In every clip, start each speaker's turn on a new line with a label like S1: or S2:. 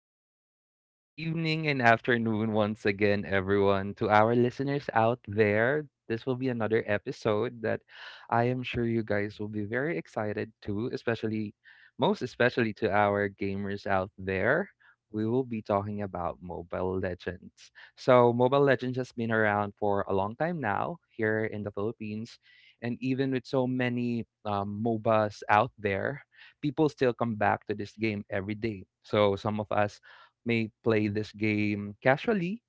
S1: morning, evening, and afternoon once again, everyone. To our listeners out there, this will be another episode that I am sure you guys will be very excited to, especially, most especially to our gamers out there. We will be talking about Mobile Legends. So, Mobile Legends has been around for a long time now here in the Philippines, and even with so many MOBAs out there, people still come back to this game every day. So some of us may play this game casually.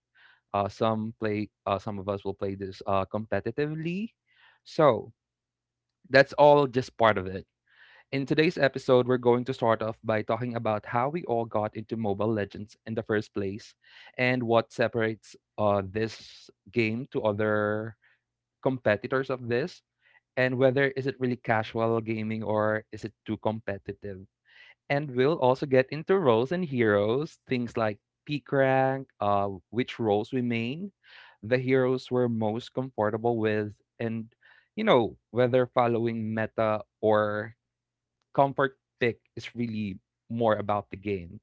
S1: Some play. Some of us will play this competitively. So that's all just part of it. In today's episode, we're going to start off by talking about how we all got into Mobile Legends in the first place, and what separates this game to other competitors of this, and whether is it really casual gaming or is it too competitive, and we'll also get into roles and heroes, things like peak rank, which roles we main, the heroes we're most comfortable with, and you know whether following meta or comfort pick is really more about the game.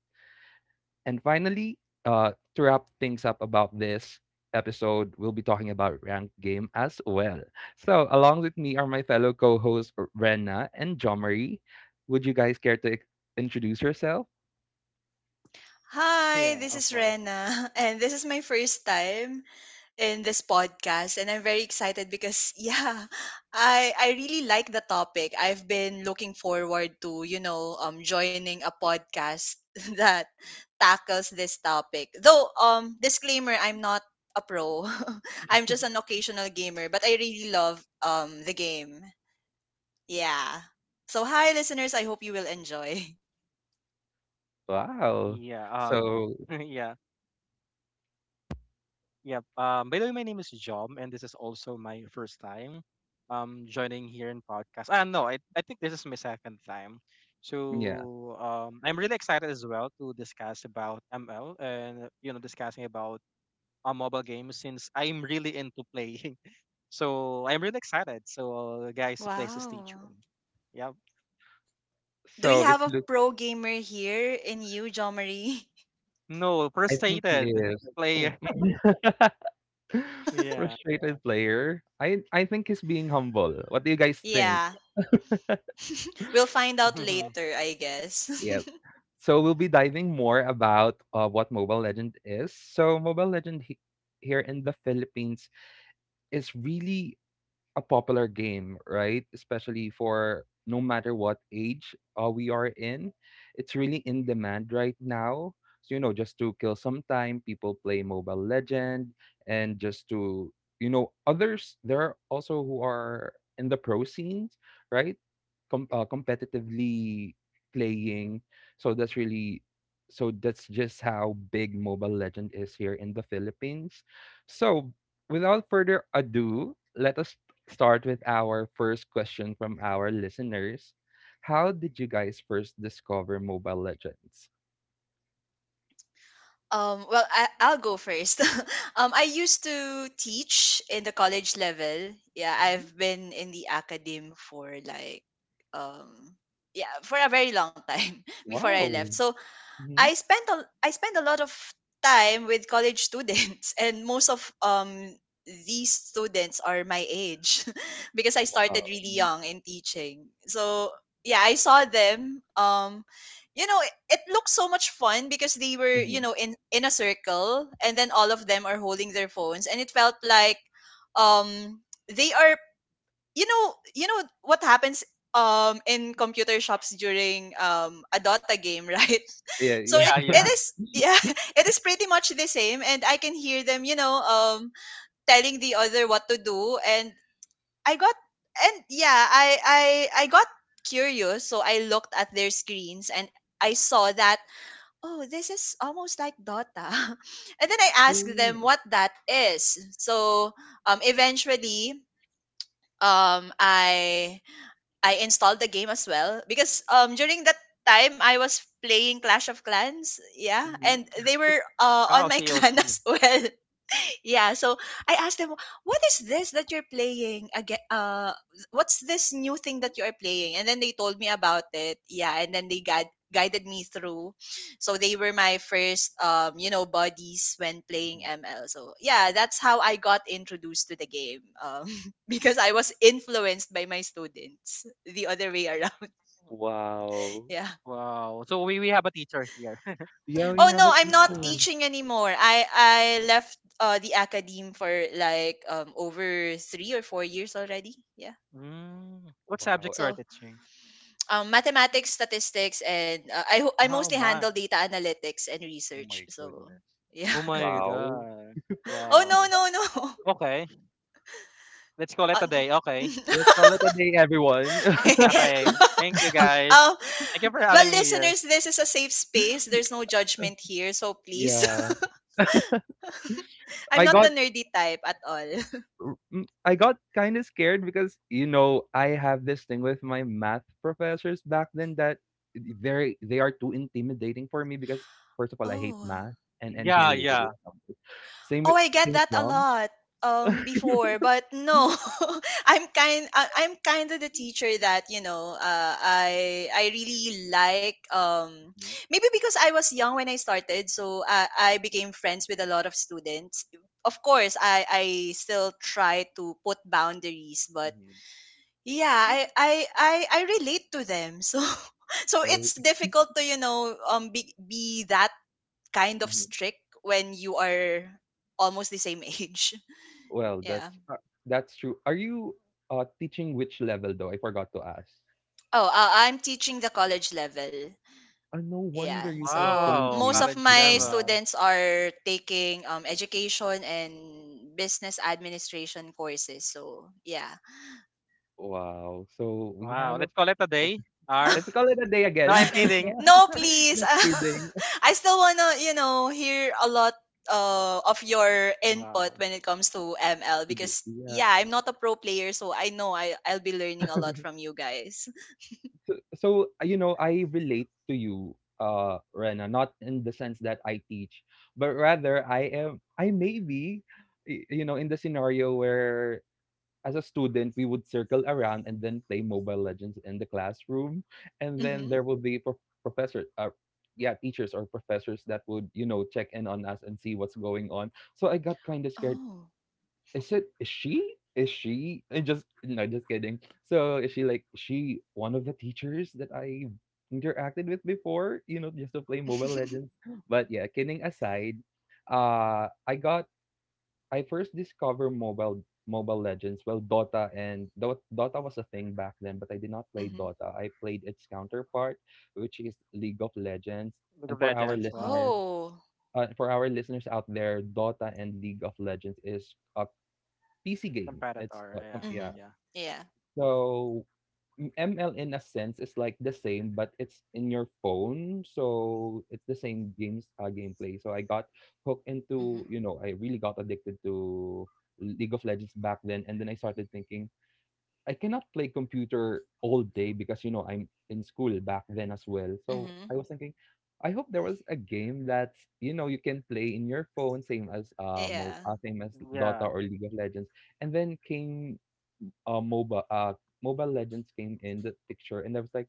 S1: And finally, to wrap things up about this episode, we'll be talking about ranked game as well. So along with me are my fellow co-hosts Renna and Jomari. Would you guys care to introduce yourself?
S2: Hi,
S3: Yeah,
S2: this
S3: of
S2: is
S3: course.
S2: Rena, and this is my first time in this podcast, and I'm very excited because yeah, I really like the topic. I've been looking forward to joining a podcast that tackles this topic. Though disclaimer, I'm not a pro. I'm just an occasional gamer, but I really love the game. Yeah. So hi listeners, I hope you will enjoy.
S1: Wow.
S3: Yeah.
S1: So,
S3: Yeah. Yeah. By the way, my name is Jom, and this is also my first time, joining here in podcast. No, I think this is my second time.
S1: yeah.
S3: So, I'm really excited as well to discuss about ML and discussing about mobile games since I'm really into playing. So I'm really excited. So, guys, please stay tuned.
S2: Wow.
S3: Yeah.
S2: Do
S1: So
S2: we
S1: it
S2: have a
S1: looks,
S2: pro gamer here in you, Jo Marie?
S3: No,
S1: I think he
S3: frustrated
S1: is. Oh.
S3: player. Yeah.
S1: Frustrated player. I think he's being humble. What do you guys think?
S2: Yeah. We'll find out later, I guess.
S1: Yeah. So we'll be diving more about what Mobile Legend is. So Mobile Legend here in the Philippines is really a popular game, right? Especially for no matter what age we are in, it's really in demand right now. So you know, just to kill some time, people play Mobile Legend, and just to you know, others there are also who are in the pro scenes, right? Competitively playing. So that's really so that's just how big Mobile Legend is here in the Philippines. So without further ado, let us start with our first question from our listeners. How did you guys first discover Mobile Legends?
S2: Well, I'll go first. I used to teach in the college level. Yeah,
S1: Mhm.
S2: I've been in the academe um yeah, for a very long time before I left.
S1: Wow.
S2: So
S1: Mhm.
S2: I spent a lot of time with college students and most of these students are my age because I started
S1: Wow.
S2: really young in teaching. So yeah, I saw them you know it, it looked so much fun because they were
S1: Mhm.
S2: in a circle and then all of them are holding their phones, and it felt like um they are you know you know what happens in computer shops during a Dota game, right?
S1: Yeah,
S2: So
S1: yeah.
S2: it
S3: yeah.
S2: it
S3: Yeah.
S2: is, yeah, it is pretty much the same, and I can hear them, telling the other what to do, I got and yeah, I got curious, so I looked at their screens and I saw that, oh, this is almost like Dota. And then I asked them
S1: Ooh.
S2: what that is. So eventually um I I installed the game as well because during that time I was playing Clash of Clans, yeah, and
S1: Mhm.
S2: they were
S3: Wow,
S2: on my clan
S3: COC.
S2: as well. Yeah, so I asked them, "What is this that you're playing again? What's this new thing that you are playing?" And then they told me about it. Yeah, and then they guided me through. So they were my first, buddies when playing
S1: Mhm.
S2: ML. So yeah, that's how I got introduced to the game. Because I was influenced by my students the other way around.
S1: Wow.
S2: Yeah.
S3: Wow. So we have a teacher here.
S1: Yeah, we
S2: Oh
S1: have
S2: no,
S1: a
S2: I'm not
S1: teacher.
S3: wow.
S2: teaching anymore. I left the academe for like over 3 or 4 years already. Yeah.
S3: Mm. What
S1: Wow.
S3: subject you are
S2: So
S3: teaching?
S2: mathematics, statistics, and I
S3: How
S2: mostly
S3: much?
S2: handle data analytics and
S1: Oh my
S2: research. So
S1: goodness.
S2: yeah.
S3: Oh my
S1: Wow.
S3: god.
S2: Oh, no,
S3: Wow.
S2: no, no.
S3: Okay. Let's call it
S2: Uh,
S3: a
S2: n-
S3: day. Okay.
S1: Let's call it a day, everyone.
S3: Okay. Thank you guys.
S2: um,
S3: Thank you for having
S2: well,
S3: me here.
S2: listeners, this is a safe space. There's no judgment here, so please.
S1: Yeah.
S2: I'm
S1: I
S2: not the
S1: got
S2: nerdy type at all.
S1: I got kind of scared because you know I have this thing with my math professors back then that they are too intimidating for me, because first of all I hate
S2: Oh.
S1: math and anything
S3: Yeah,
S1: related
S3: yeah.
S1: with numbers. Same
S2: Oh,
S1: with
S2: I get
S1: same with
S2: that a
S1: drum.
S2: lot before, but
S1: Mhm,
S2: no. I'm kind of the teacher that, I really like,
S1: mhm,
S2: maybe because I was young when I started, so I became friends with a lot of students. Of course, I still try to put boundaries, but
S1: mhm.
S2: yeah, I relate to them. So so it's
S1: Oh,
S2: difficult to be that kind of
S1: mhm.
S2: strict when you are almost the same age.
S1: Well,
S2: Yeah.
S1: that's true. Are you teaching which level though? I forgot to ask.
S2: Oh, I'm teaching the college level.
S1: Oh, no
S2: Yeah.
S1: wonder you said
S2: So
S1: same
S3: Wow.
S2: most
S1: age,
S2: of
S3: College
S1: I
S2: my
S1: think.
S3: level.
S2: students are taking education and business administration courses. So yeah.
S1: Wow. So we
S3: Wow.
S1: have a
S3: Let's call it a day. R.
S1: Let's call it a day
S3: No,
S1: again.
S3: I'm kidding.
S2: No, please.
S1: Just kidding.
S2: I still wanna hear a lot of your input
S3: Wow.
S2: when it comes to ML because
S1: Yeah.
S2: yeah, I'm not a pro player, so I know I'll be learning a lot from you guys.
S1: So, you know, I relate to you, Rena, not in the sense that I teach, but rather I may be, you know, in the scenario where as a student, we would circle around and then play Mobile Legends in the classroom. And then
S2: Mm-hmm.
S1: there would be professor, yeah, teachers or professors that would, you know, check in on us and see what's going on. So I got kind of scared.
S2: Oh.
S1: Is she? And just, no, just kidding. So is she like, is she one of the teachers that I interacted with before, you know, just to play Mobile Legends? But yeah, kidding aside, uh, I got I first discovered Mobile Legends. Well, Dota was a thing back then, but I did not play
S2: Mm-hmm.
S1: Dota. I played its counterpart, which is League of Legends.
S3: League of
S1: And for our
S3: Legends. Wow.
S1: listeners,
S2: Oh.
S1: out there, Dota and League of Legends is a PC game. It's
S3: Competitor. Yeah.
S2: Mm-hmm.
S1: yeah.
S3: Yeah.
S2: Yeah.
S1: So M ML in a sense is like the same, but it's in your phone, so it's the same games gameplay. So I got hooked into,
S2: Mm-hmm.
S1: you know, I really got addicted to League of Legends back then, and then I started thinking I cannot play computer all day because you know I'm in school back then as well. So I
S2: Mm-hmm.
S1: was thinking, I hope there was a game that you know you can play in your phone, same as
S2: Yeah.
S1: same as
S3: Yeah.
S1: Dota or League of Legends. And then came MOBA, Mobile Legends came in the picture, and I was like,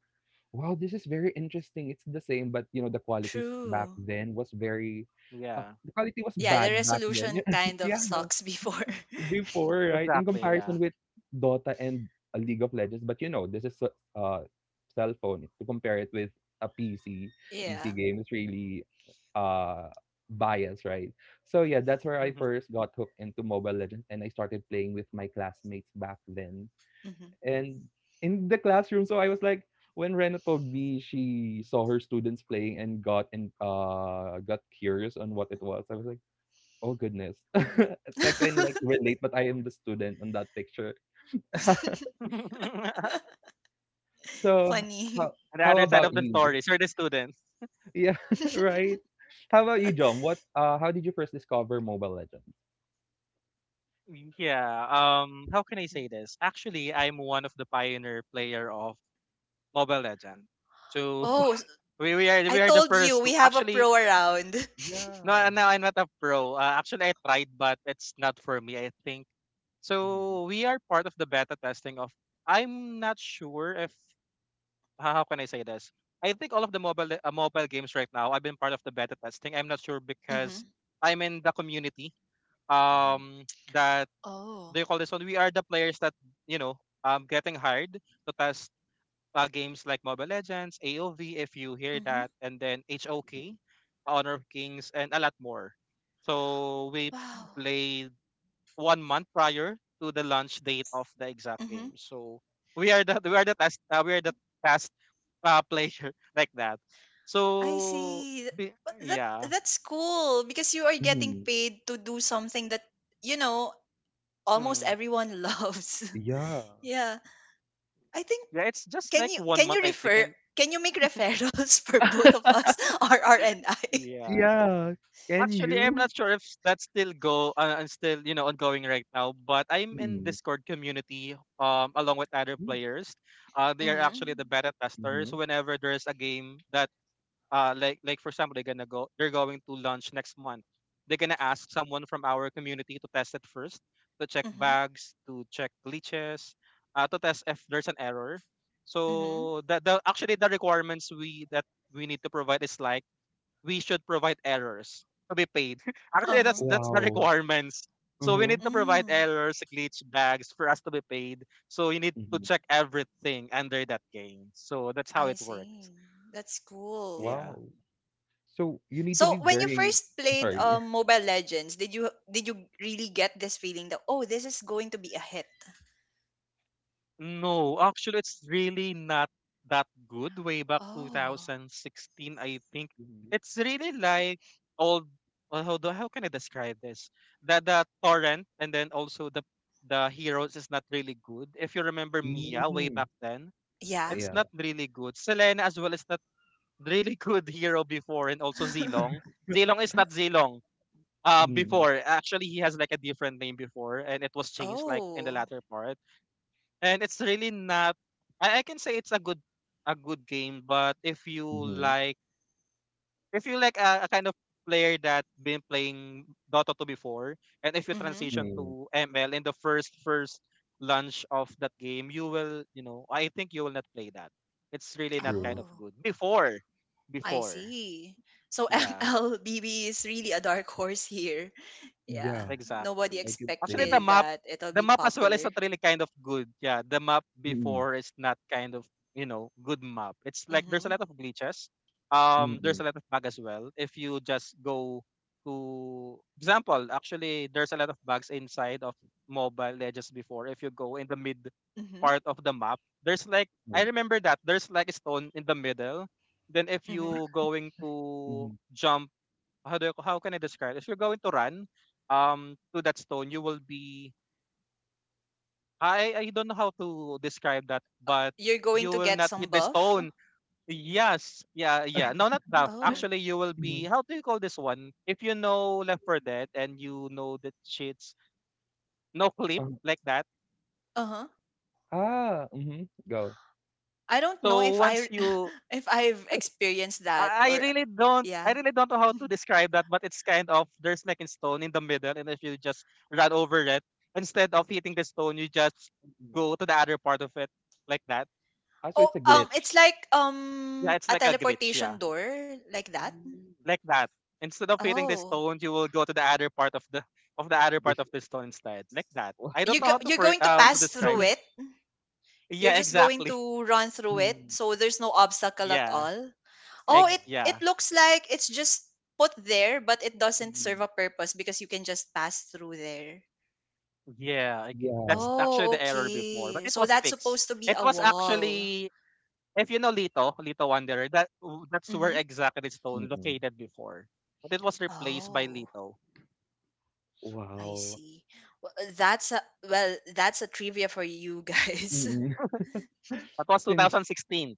S1: "Wow, this is very interesting. It's the same, but you know,
S2: True.
S3: Yeah.
S1: the quality was
S2: Yeah, the
S1: bad back then."
S2: resolution kind of
S1: Yeah,
S2: sucks before.
S1: before, right, in
S3: Exactly, yeah.
S1: comparison with Dota and League of Legends, but you know, this is a uh, cell phone. To compare it with a PC, PC
S2: Yeah.
S1: game is really uh biased, right? So yeah, that's where I
S3: On
S1: first got hooked into Mobile Legends, and I started playing with my classmates back then.
S2: Mm-hmm.
S1: And in the classroom, so I was like, when Rena told me she saw her students playing and got curious on what it was, I was like, oh goodness, I can like relate, but I am the student on that picture.
S3: the
S1: So how
S2: Funny.
S1: how
S3: other side
S1: about
S3: of the
S1: you?
S3: stories are the students.
S1: Yeah, right. How about you, John? What how did you first discover Mobile Legends?
S3: Yeah. How can I say this? Actually, I'm one of the pioneer player of Mobile Legend. So
S2: Oh,
S1: Wow.
S3: we, we are
S2: I
S3: we are the
S2: told you
S3: first.
S2: we have a
S3: Actually,
S2: pro around.
S3: no,
S1: Yeah.
S3: no, I'm not a pro. Actually, I tried, but it's not for me. I think
S1: Mm-hmm.
S3: so. We are part of the beta testing of. I'm not sure if how can I say this? I think all of the mobile games right now, I've been part of the beta testing. I'm not sure because I'm in the community. Um, that they
S2: Oh.
S3: call this one. We are the players that you know getting hired to test games like Mobile Legends, AOV, if you hear
S2: Mhm.
S3: that, and then
S1: Mm-hmm.
S3: HOK, Honor of Kings, and a lot more. So we
S2: Wow.
S3: played 1 month prior to the launch date of the exact
S2: Mhm.
S3: game. So we are the test we are the task player like that.
S2: I
S3: So
S2: see.
S3: be-
S2: But that
S3: yeah,
S2: that's cool because you are getting
S1: Hmm.
S2: paid to do something that you know almost
S3: mm.
S2: everyone loves.
S1: Yeah.
S2: Yeah. I think,
S3: Yeah, it's just
S2: can
S3: like
S2: you
S3: one
S2: can
S3: month
S2: you
S3: I think,
S2: refer
S3: and
S2: can you make referrals for both of us, R and I?
S3: yeah.
S1: Yeah. Can
S3: Actually, I'm
S1: you?
S3: not sure if that's still go and still ongoing right now. But I'm in Discord community along with other players. They are actually
S2: Mhm.
S3: the beta testers.
S1: Mhm.
S3: Whenever there's a game that like for example they're gonna go they're going to lunch next month, they're gonna ask someone from our community to test it first to check
S2: Mhm.
S3: bugs, to check glitches to test if there's an error,
S2: Mhm.
S3: so the actually the requirements we that we need to provide is like we should provide errors to be paid. Actually, that's
S2: Uh-huh.
S3: that's the
S1: Wow.
S3: requirements, so we need
S1: Mhm.
S3: to provide
S2: Mm,
S3: errors glitch bags for us to be paid, so you need to
S1: Mhm.
S3: check everything under that game, so that's how
S2: I
S3: it works.
S2: see. That's cool.
S3: Yeah.
S1: Wow. So you need to
S2: So
S1: be
S2: when you
S1: very
S2: first played
S1: sorry.
S2: Mobile Legends, did you really get this feeling that, oh, this is going to be a hit?
S3: No, actually, it's really not that good. Way back
S2: Oh
S3: 2016, I think
S1: Mhm.
S3: it's really like old. Well, how can I describe this? That the torrent and then also the heroes is not really good. If you remember Mia way
S1: Mm,
S3: back then,
S2: yeah.
S3: it's
S1: yeah.
S3: not really good. Selena as well is not really good hero before, and also Zilong. Zilong is not Zilong.
S1: Mm,
S3: Before actually he has like a different name before, and it was changed like in the
S2: Oh.
S3: latter part. And it's really not I can say it's a good game, but if you
S1: mhm,
S3: like a kind of player that been playing Dota 2 before, and if you
S2: Mm-hmm.
S3: transition
S1: mm,
S3: to ML in the first launch of that game, you know I think you will not play that. It's really not kind
S1: true.
S3: of
S2: Oh,
S3: good before,
S2: I
S3: before.
S2: see. So
S3: Yeah.
S2: MLBB is really a dark horse here. Yeah,
S1: Yeah,
S2: nobody
S1: I
S3: Exactly.
S1: could
S3: Actually,
S1: say.
S2: expected that it'll
S3: the
S2: be
S3: map as well is
S2: popular.
S3: not really kind of good. Yeah, the map
S1: Mm,
S3: before is not kind of good map. It's like there's a lot
S2: Mm-hmm.
S3: of glitches.
S1: mm,
S3: There's
S1: mm,
S3: a lot of bug as well. If you just go to example, actually, there's a lot of bugs inside of Mobile Legends before. If you go in the mid
S2: Mm-hmm.
S3: part of the map, there's like
S1: mm,
S3: I remember that there's like a stone in the middle. Then if
S2: Mm-hmm.
S3: you going to jump how can I describe? If you're going to run to that stone, you will be I don't know how to describe that, but
S2: You're going
S3: you
S2: to
S3: will
S2: get
S3: not
S2: some
S3: hit the
S2: buff.
S3: stone. Yes, yeah, yeah. No, not that.
S2: Oh.
S3: Actually, you will be.
S1: mhm.
S3: How do you call this one? If you know Left 4 Dead and you know the cheats, no clip
S1: Um,
S3: like that.
S2: Uh-huh.
S1: ah, mhm, go.
S2: I don't know
S3: So
S2: if
S3: once
S2: I
S3: you
S2: if I've experienced that or yeah.
S3: I really don't know how to describe that, but it's kind of there's like a stone in the middle, and if you just run over it, instead of hitting the stone, you just
S1: Mhm.
S3: go to the other part of it like that.
S1: Ah, so
S2: Oh,
S1: it's a glitch.
S2: it's like
S3: Yeah, it's
S2: a
S3: like a glitch, yeah.
S2: teleportation door like that.
S1: Mm.
S3: Like that. Instead of hitting
S1: Mm,
S3: the
S2: Oh,
S3: stone, you will go to the other part of the of the other part
S1: This,
S3: of the stone instead. Like that. I don't know how to
S2: you're
S3: for
S2: going to
S3: to
S2: pass through
S3: describe.
S2: it. You're
S3: Yeah,
S2: just going
S3: exactly.
S2: to run through it,
S1: mm,
S2: so there's no obstacle at
S3: Yeah.
S2: all. Oh,
S1: yeah,
S2: it
S3: Yeah.
S2: looks like it's just put there, but it doesn't serve
S1: mm,
S2: a purpose because you can just pass through there.
S3: Yeah.
S1: yeah.
S3: That's actually
S2: Oh,
S3: the error before, but
S2: okay.
S3: it
S2: So
S3: was
S2: that's
S3: fixed.
S2: supposed to be
S3: It
S2: a
S3: was
S2: wall.
S3: actually. If you know Lito, Lito Wanderer, that's where
S2: Mm-hmm.
S3: exactly Stone
S1: Mm-mm.
S3: located before. But it was replaced by
S2: Oh,
S3: Lito.
S2: I
S1: Wow.
S2: see. Well, that's a trivia for you guys.
S1: Mm-mm.
S3: That was
S1: Since
S3: 2016.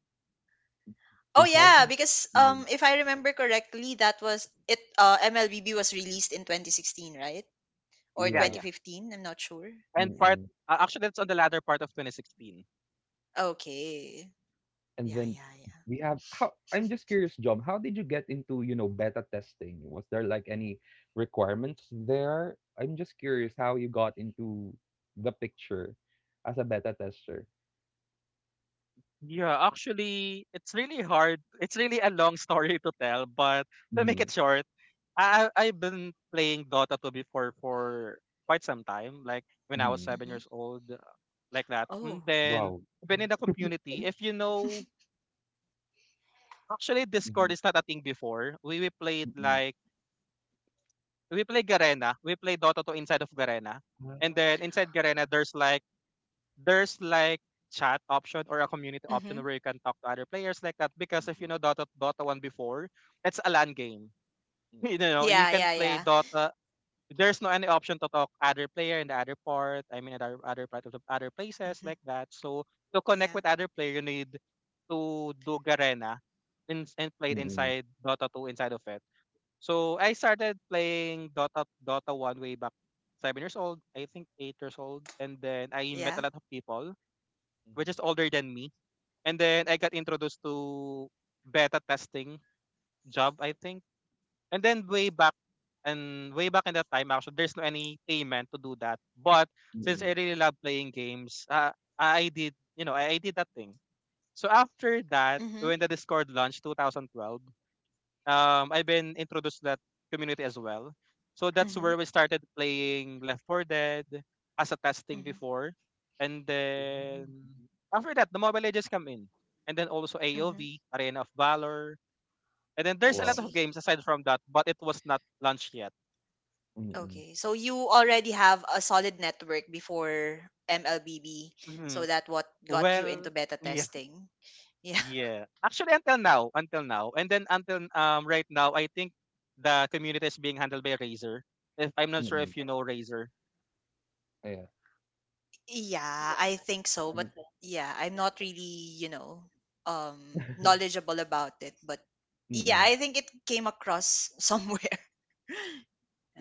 S2: Oh yeah,
S1: 2000.
S2: because
S1: Mm,
S2: if I remember correctly, that was it MLBB was released in 2016, right? Or
S3: Yeah,
S1: yeah,
S3: yeah.
S2: 2015, I'm not sure.
S3: And
S2: Yeah.
S3: part
S1: mm-mm.
S3: actually it's on the latter part of 2016.
S2: Okay.
S1: And
S2: Yeah,
S1: then
S2: yeah, yeah.
S1: we have how I'm just curious, John, how did you get into, you know, beta testing? Was there like any requirements there? I'm just curious how you got into the picture as a beta tester.
S3: Yeah, actually it's really hard. It's really a long story to tell, but to make
S1: Mm-hmm.
S3: it short, I've been playing Dota 2 before for quite some time, like when I was
S1: Mm-hmm.
S3: 7
S2: Mhm.
S3: years old, like that. And
S2: Oh.
S3: then
S1: Wow.
S3: been in the community. If you know Actually,
S1: Mm-hmm.
S3: Discord is not a thing before. We we played
S1: Mm-hmm.
S3: like we played Garena. We played Dota 2 inside of Garena. And then
S1: Right.
S3: inside Garena there's like there's like chat option or a community option
S2: Mhm.
S3: where you can talk to other players like that because if you
S1: Mm-mm.
S3: know Dota 1 before, it's a LAN game. You know, you
S2: Yeah,
S3: can
S2: yeah,
S3: play
S2: yeah.
S3: Dota. There's no any option to talk other player in the other part, I mean other part of the other places
S2: Mhm.
S3: like that. So to connect
S2: Yeah.
S3: with other player you need to do Garena and play it
S1: Mm-mm. Mm-mm.
S3: inside Dota 2 inside of it. So I started playing Dota 1 way back 7 years old, I think 8 years old, and then I met
S2: Yeah.
S3: a lot of people which
S1: Mm-hmm.
S3: is older than me, and then I got introduced to beta testing job I think, and then way back in that time actually there's no any payment to do that, but since
S1: Mm-mm.
S3: I really love playing games, I did you know I did that thing. So after that,
S2: Mhm.
S3: when the Discord launched 2012 I've been introduced to that community as well. So that's
S2: Mhm.
S3: where we started playing Left 4 Dead as a testing
S2: Mhm.
S3: before. And
S1: Mm-mm.
S3: then after that, the Mobile Legends come in. And then also
S2: Mhm.
S3: AOV, Arena of Valor. And then
S2: I
S3: there's a lot
S1: Wow.
S2: see.
S3: of games aside from that, but it was not launched yet.
S1: Mm-mm.
S2: Okay, so you already have a solid network before MLBB,
S3: Mhm.
S2: so that what got you
S3: Well,
S2: into beta
S3: yeah,
S2: testing. Yeah,
S3: yeah. Actually, until now, until now. And then until right now, I think the community is being handled by Razer. If I'm not sure
S1: Mm-mm.
S3: if you know Razer.
S1: Yeah.
S2: yeah, I think so. But yeah, I'm not really, um, knowledgeable about it. But yeah,
S1: Mm-mm.
S2: I think it came across somewhere.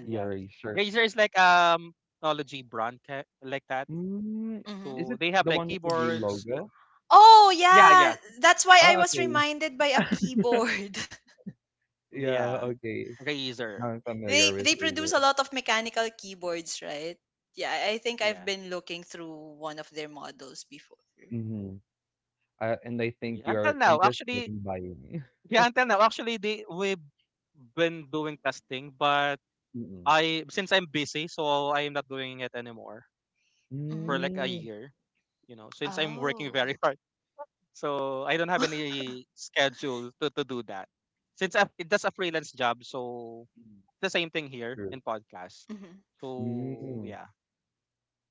S2: Yeah.
S1: Yeah, right, sure.
S3: Razer is like technology brand like that.
S1: Mm,
S2: Hmm.
S1: is
S3: So
S1: it
S3: they have
S1: the
S3: like
S1: one with the green
S3: keyboards.
S1: logo?
S2: Oh
S3: Yeah,
S2: yeah,
S3: yeah.
S2: that's why I
S1: Ah,
S2: was
S1: okay.
S2: reminded by a keyboard.
S1: Yeah,
S3: Yeah.
S1: okay.
S3: Razer.
S1: Now I'm familiar
S2: They
S1: with
S2: they produce a
S1: Razer.
S2: lot of mechanical keyboards, right? Yeah, I think I've
S3: Yeah.
S2: been looking through one of their models before.
S1: Mhm. And I think
S3: Yeah. Until
S1: you're
S3: now,
S1: interested
S3: actually,
S1: in buying.
S3: yeah, until now, actually, they we've been doing testing, but
S1: Mm-mm.
S3: I since I'm busy, so I am not doing it anymore for
S2: Hmm.
S3: like a
S1: Mm.
S3: year. You know, since I'm working
S2: Oh.
S3: very hard, so I don't have any schedule to do that. It's just a freelance job, so the same thing here in
S1: True.
S3: podcast.
S2: Hmm.
S3: So
S1: Mm.
S3: yeah,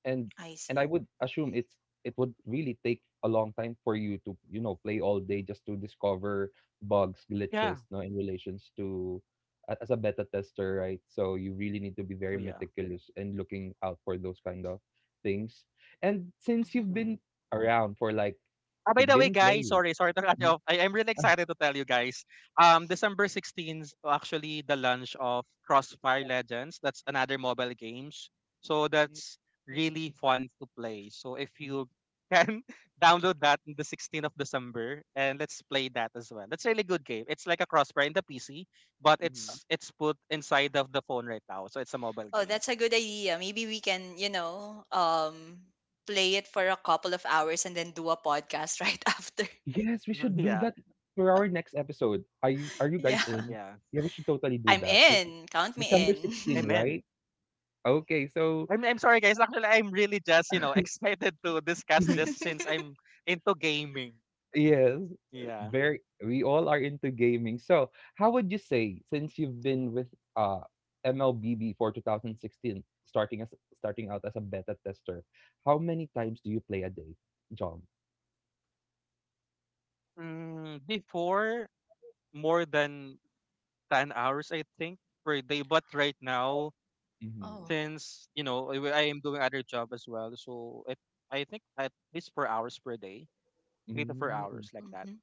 S1: and
S2: I
S1: and I
S2: see.
S1: would assume it would really take a long time for you to, you know, play all day just to discover bugs,
S3: yeah,
S1: glitches, no, in relations to as a beta tester, right? So you really need to be
S3: oh
S1: very
S3: yeah.
S1: meticulous and looking out for those kind of things, and since
S2: Hmm.
S1: you've
S3: Mhm.
S1: been around for like,
S3: By the way,
S1: been
S3: guys,
S1: playing.
S3: sorry, sorry to cut you
S1: Mhm.
S3: off. I'm really
S1: Mhm.
S3: excited to tell you guys. December 16th, actually, the launch of Crossfire Legends. That's another mobile games. So that's really fun to play. So if you can download that on the 16th of December and let's play that as well. That's a really good game. It's like a Crossfire in the PC, but
S1: Mhm.
S3: it's it's put inside of the phone right now. So it's a mobile
S2: Oh,
S3: game.
S2: that's a good idea. Maybe we can, play it for a couple of hours and then do a podcast right after.
S1: Yes, we should do
S3: yeah.
S1: that for our next episode. Are you
S2: Yeah.
S1: guys in?
S3: Yeah.
S1: Yeah, we should totally do
S2: I'm
S1: that. Okay.
S2: in. Count me
S1: December 16th,
S2: in.
S3: Amen.
S1: right? Okay, so
S3: I'm sorry guys. Actually, I'm really just, excited to discuss
S1: mhm,
S3: this since I'm into gaming.
S1: yes,
S3: Yeah.
S1: very we all are into gaming. So, how would you say, since you've been with uh MLB before 2016, starting out as a beta tester, how many times do you play a day, John?
S3: Before more than 10 hours I think per day, but right now
S1: Hmm.
S2: Oh.
S3: since, I am doing other job as well, so it I think at least 4 hours per day, 3 to 4
S1: Mm.
S3: hours like that.
S2: Hmm.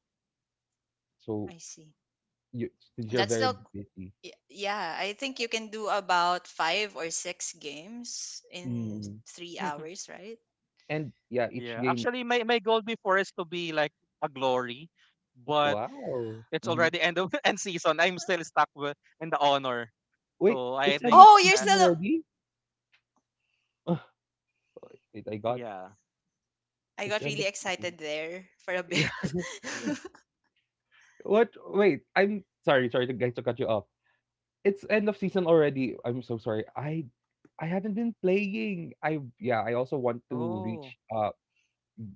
S1: So,
S2: I see.
S1: you since you're
S2: That's
S1: very
S2: still.
S1: busy.
S2: Yeah, I think you can do about five or six games in
S1: Mm.
S2: three hours, right?
S1: And yeah, each
S3: yeah.
S1: game.
S3: Actually, my goal before is to be like a glory, but
S1: Wow.
S3: it's
S1: Mhm.
S3: already end of end season. I'm still stuck with in the honor.
S1: Wait,
S3: So I
S1: it's end
S3: think
S1: of
S2: Oh, you're
S3: that
S1: season
S2: still.
S1: already? Ugh, wait, I got
S3: yeah,
S2: I
S1: it's
S2: got
S1: end
S2: really
S1: of season.
S2: excited there for a
S1: Yeah.
S2: bit.
S3: yeah.
S1: What? Wait, I'm sorry, sorry to guys to cut you off. It's end of season already. I'm so sorry. I haven't been playing. I Yeah, I also want to
S3: Oh,
S1: reach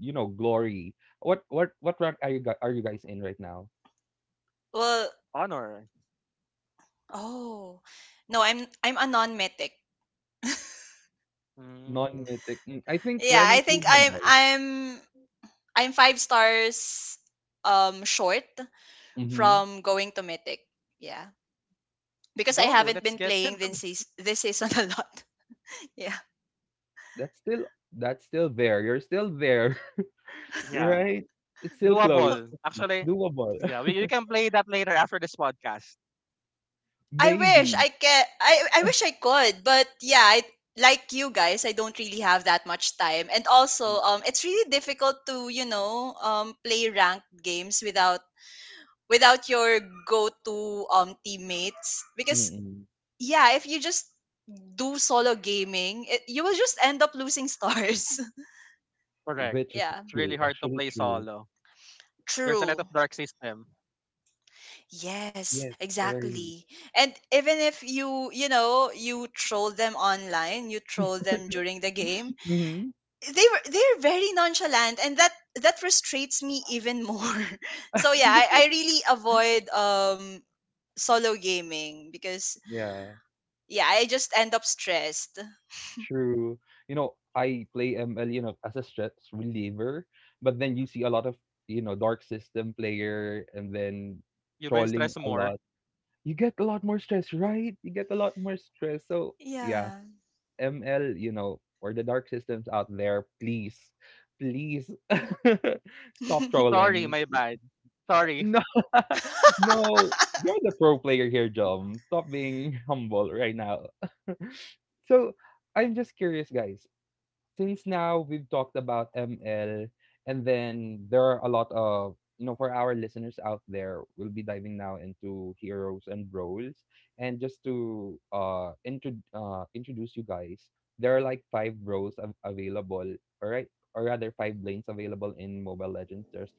S1: you know, glory. What rank are you guys in right now?
S2: Well,
S3: honor.
S2: oh no, I'm a non-mythic.
S3: Mm,
S1: Non-mythic. Mm, I think
S2: Yeah,
S1: Ren
S2: I
S1: is
S2: think
S1: still
S2: I'm
S1: humble.
S2: I'm I'm five stars short
S1: Mhm.
S2: from going to mythic. Yeah, because I
S3: go.
S2: haven't
S3: Let's
S2: been
S3: get
S2: playing
S3: into it.
S2: this season a lot. Yeah.
S1: That's still that's still there. You're still there.
S3: Yeah,
S1: Right. It's still close.
S3: doable. Actually,
S1: Doable.
S3: yeah, we can play that later after this podcast.
S2: I wish I
S1: Maybe.
S2: can. I wish I could, but yeah, like you guys, I don't really have that much time, and also, it's really difficult to play ranked games without your go-to teammates because
S1: Mm.
S2: yeah, if you just do solo gaming, you will just end up losing stars.
S3: Correct.
S1: Which is
S2: Yeah,
S3: It's really
S1: true,
S3: hard to
S1: actually
S3: play
S1: true.
S3: solo. There's a lot
S2: true.
S3: of dark system.
S2: Yes,
S1: Yes, very.
S2: exactly. And even if you troll them online, you troll them during the game,
S1: Mhm.
S2: they're very nonchalant, and that frustrates me even more, so yeah, I really avoid solo gaming because
S1: Yeah,
S2: yeah, I just end up stressed.
S1: true. You know, I play ML, you know, as a stress reliever, but then you see a lot of, you know, dark system player and then
S3: You've been
S1: trolling
S3: stressed
S1: a
S3: more.
S1: lot. You get a lot more stress, right? You get a lot more stress. So, yeah,
S2: Yeah.
S1: ML, you know, or the dark systems out there, please, please
S2: Hmm.
S1: stop
S3: Sorry,
S1: trolling.
S3: my bad. Sorry.
S1: No, no, you're the pro player here, John. Stop being humble right now. So I'm just curious, guys. Since now we've talked about ML, and then there are a lot of, you know, for our listeners out there, we'll be diving now into heroes and roles. And just to introduce you guys, there are like five roles available. All right, or rather five lanes available in Mobile Legends. There's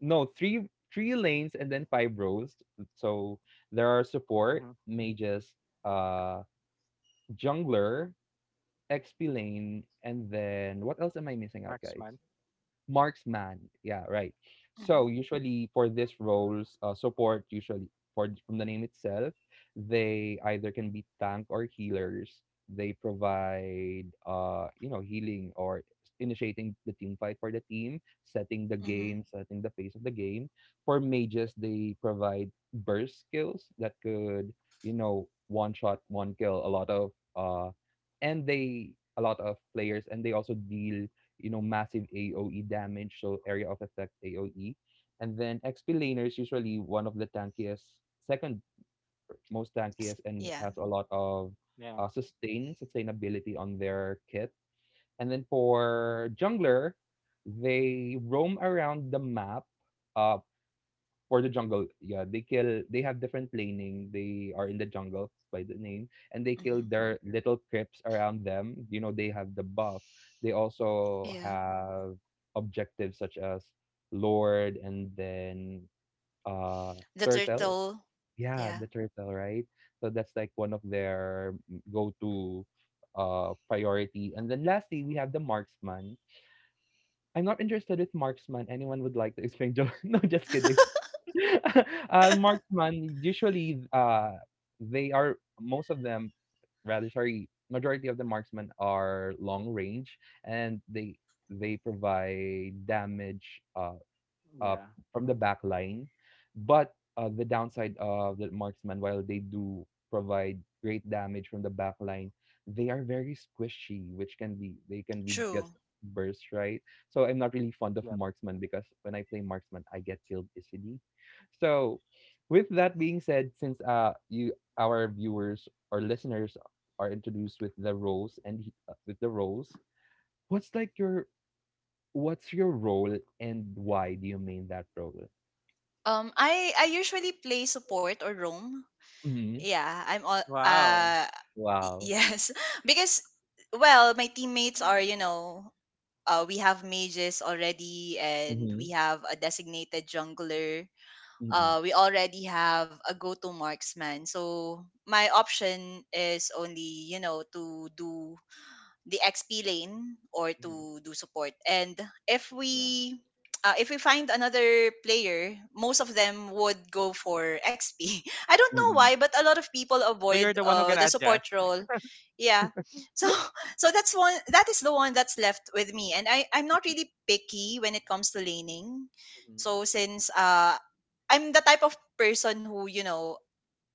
S1: no, three, lanes, and then five rows. So there are support,
S3: hmm
S1: mages, uh jungler, XP lane, and then what else am I missing out, guys?
S3: Marksman.
S1: Marksman. Yeah, right.
S2: Hmm.
S1: So usually for these roles, support usually, for from the name itself, they either can be tank or healers. They provide healing or initiating the team fight for the team, setting the game, setting the pace of the game. For mages, they provide burst skills that could one shot, one kill a lot of and they a lot of players, and they also deal massive AoE damage, so area of effect AoE. And then XP laners usually one of the tankiest, second most tankiest, and
S2: Yeah.
S1: has a lot of
S3: Yeah.
S1: sustainability on their kit. And then for jungler, they roam around the map, uh, for the jungle. Yeah, they kill. They have different planing. They are in the jungle by the name, and they kill
S2: Hmm.
S1: their little crips around them. You know, they have the buff. They also
S2: Yeah,
S1: have objectives such as Lord and then uh
S2: the
S1: turtle.
S2: turtle.
S1: Yeah,
S2: Yeah.
S1: the turtle, right? So that's like one of their go-to priority. And then lastly, we have the marksman. I'm not interested with marksman. Anyone would like to explain Joe? No, just kidding. Marksman, usually, they are most of them, rather, sorry, majority of the marksmen are long range, and they provide damage uh,
S3: Yeah.
S1: from the back line. But the downside of the marksman, while they do provide great damage from the back line, they are very squishy, which can be they can be get
S2: True.
S1: burst, right. So I'm not really fond of
S3: Yep.
S1: marksman because when I play marksman, I get killed easily. So with that being said, since you our viewers or listeners are introduced with the roles and with the roles, what's like your what's your role, and why do you main that role?
S2: I usually play support or roam.
S1: Mhm.
S2: Yeah, I'm all,
S3: Wow.
S2: uh
S1: Wow.
S2: yes, because, well, my teammates are you know we have mages already and
S1: Mhm.
S2: we have a designated jungler.
S1: Hmm.
S2: We already have a go-to marksman. So my option is only, to do the XP lane or
S1: Mhm.
S2: to do support. And if
S3: Yeah.
S2: we if we find another player, most of them would go for XP. I don't know
S1: Mm.
S2: why, but a lot of people
S3: So you're
S2: avoid
S3: the one who can
S2: the
S3: adjust.
S2: support role. Yeah. So so that's one that is the one that's left with me. And I'm not really picky when it comes to laning.
S1: Mhm.
S2: So since I'm the type of person who,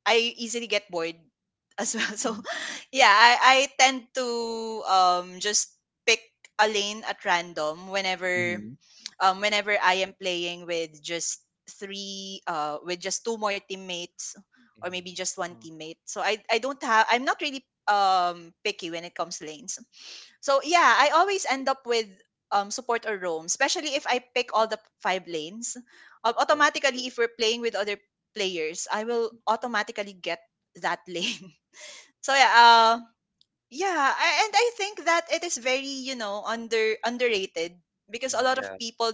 S2: I easily get bored as well. So
S1: Mm,
S2: yeah, I tend to just pick a lane at random whenever
S1: mhm.
S2: I am playing with just three, with just two more teammates, or maybe
S1: Mhm.
S2: just one
S3: Mhm.
S2: teammate. So I don't have. I'm not really picky when it comes to lanes. So yeah, I always end up with support or roam, especially if I pick all the five lanes.
S1: Wow.
S2: Automatically, if we're playing with other players, I will automatically get that lane. So yeah, yeah, and I think that it is very underrated because a
S1: Mm,
S2: lot of
S1: yeah.
S2: people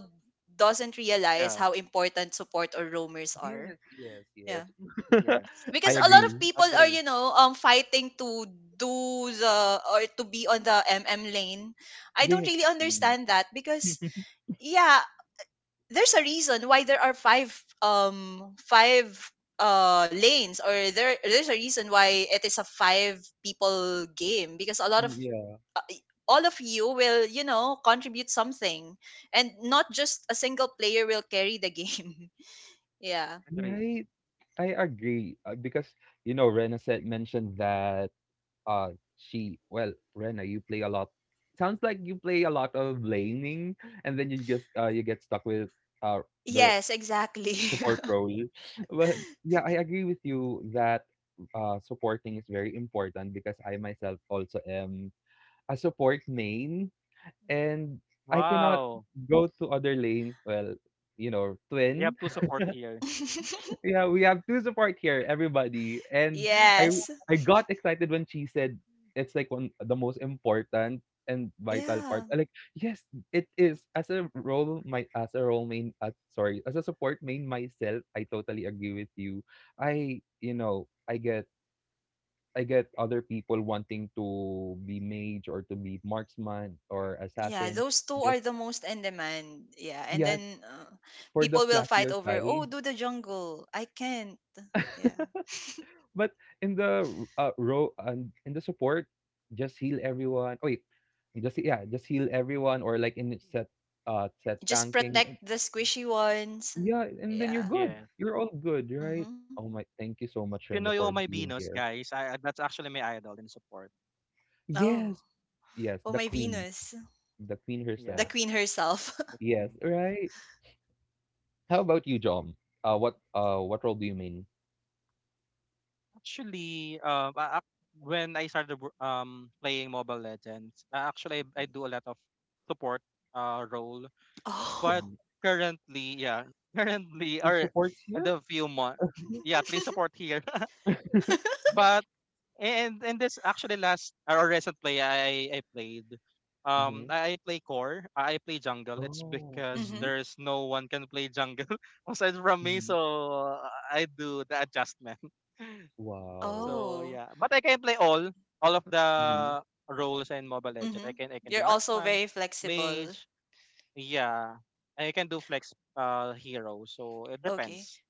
S2: doesn't realize
S3: Yeah.
S2: how important support or roamers
S1: Yes,
S2: are.
S1: yes, yes.
S2: Yeah,
S3: Yes.
S1: I
S2: because a lot
S1: agree.
S2: of people are
S3: Agree.
S2: fighting to do the or to be on the lane. I don't
S1: Yes.
S2: really
S1: Mm.
S2: understand that because yeah, there's a reason why there are five five lanes, or there's a reason why it is a five people game, because a lot of
S1: Mm, yeah.
S2: all of you will contribute something and not just a single player will carry the game. Yeah.
S3: Agree.
S1: Right? I agree, because, you know, Rena said mentioned that, uh, she well, Rena, you play a lot, sounds like you play a lot of laning, and then you just, you get stuck with, uh, the
S2: Yes, exactly.
S1: support role. But yeah, I agree with you that supporting is very important because I myself also am a support main, and I cannot
S3: Wow.
S1: go to other lanes. Well, you know,
S3: We
S1: twin.
S3: have to support here.
S1: Yeah, we have to support here, everybody. And I
S2: Yes.
S1: I got excited when she said it's like one the most important and vital part.
S2: Yeah.
S1: I'm like, yes, it is. As a role my as a role main as a support main myself, I totally agree with you. I, you know, I get other people wanting to be mage or to be marksman or
S2: Yeah.
S1: assassin.
S2: Those two
S1: Just
S2: are the most in demand. Yeah. And
S1: Yeah,
S2: then
S1: for the
S2: people will fight
S1: flashier
S2: over, oh,
S1: side.
S2: do the jungle. I can't. Yeah.
S1: But in the row and in the support, just heal everyone. Oh, Wait, just Yeah, just heal everyone, or like in set set
S2: Just
S1: tanking. And,
S2: protect the squishy ones.
S1: yeah, and then you're
S2: Yeah.
S1: good.
S3: Yeah.
S1: You're all good, right?
S2: Mm-hmm.
S1: Oh my, thank you so much, Randy,
S3: Pinoy Oh
S1: for
S3: My
S1: being
S3: Venus,
S1: here.
S3: guys. That's actually my idol in support.
S2: Oh.
S1: Yes, yes,
S2: Oh, my Venus.
S1: the queen
S3: Yeah,
S2: The
S1: herself.
S2: queen herself.
S3: that's
S1: Yes,
S3: me.
S1: right. How about you, John? What role do you mean?
S3: Actually, when I started playing Mobile Legends, actually I do a lot of support role. But
S2: Oh.
S1: Mhm.
S3: currently, yeah, currently
S1: Three
S3: or
S1: supports
S3: in
S1: here.
S3: the few months, yeah, please support here. but and this actually last or recent play I played. Um
S1: Mm-hmm.
S3: I I play core, I play jungle. It's
S1: Oh.
S3: because
S2: Mm-hmm.
S3: there's no one can play jungle aside from me,
S1: Mm-hmm.
S3: so I do the adjustment.
S1: Wow.
S3: So
S2: Oh.
S3: yeah, but I can play all of the
S1: Mm-hmm.
S3: roles in Mobile Legend.
S2: Mm-hmm.
S3: I can do
S2: You're also
S3: marksman,
S2: very flexible.
S3: mage, yeah. I can do flex hero. So it
S2: Okay.
S3: depends.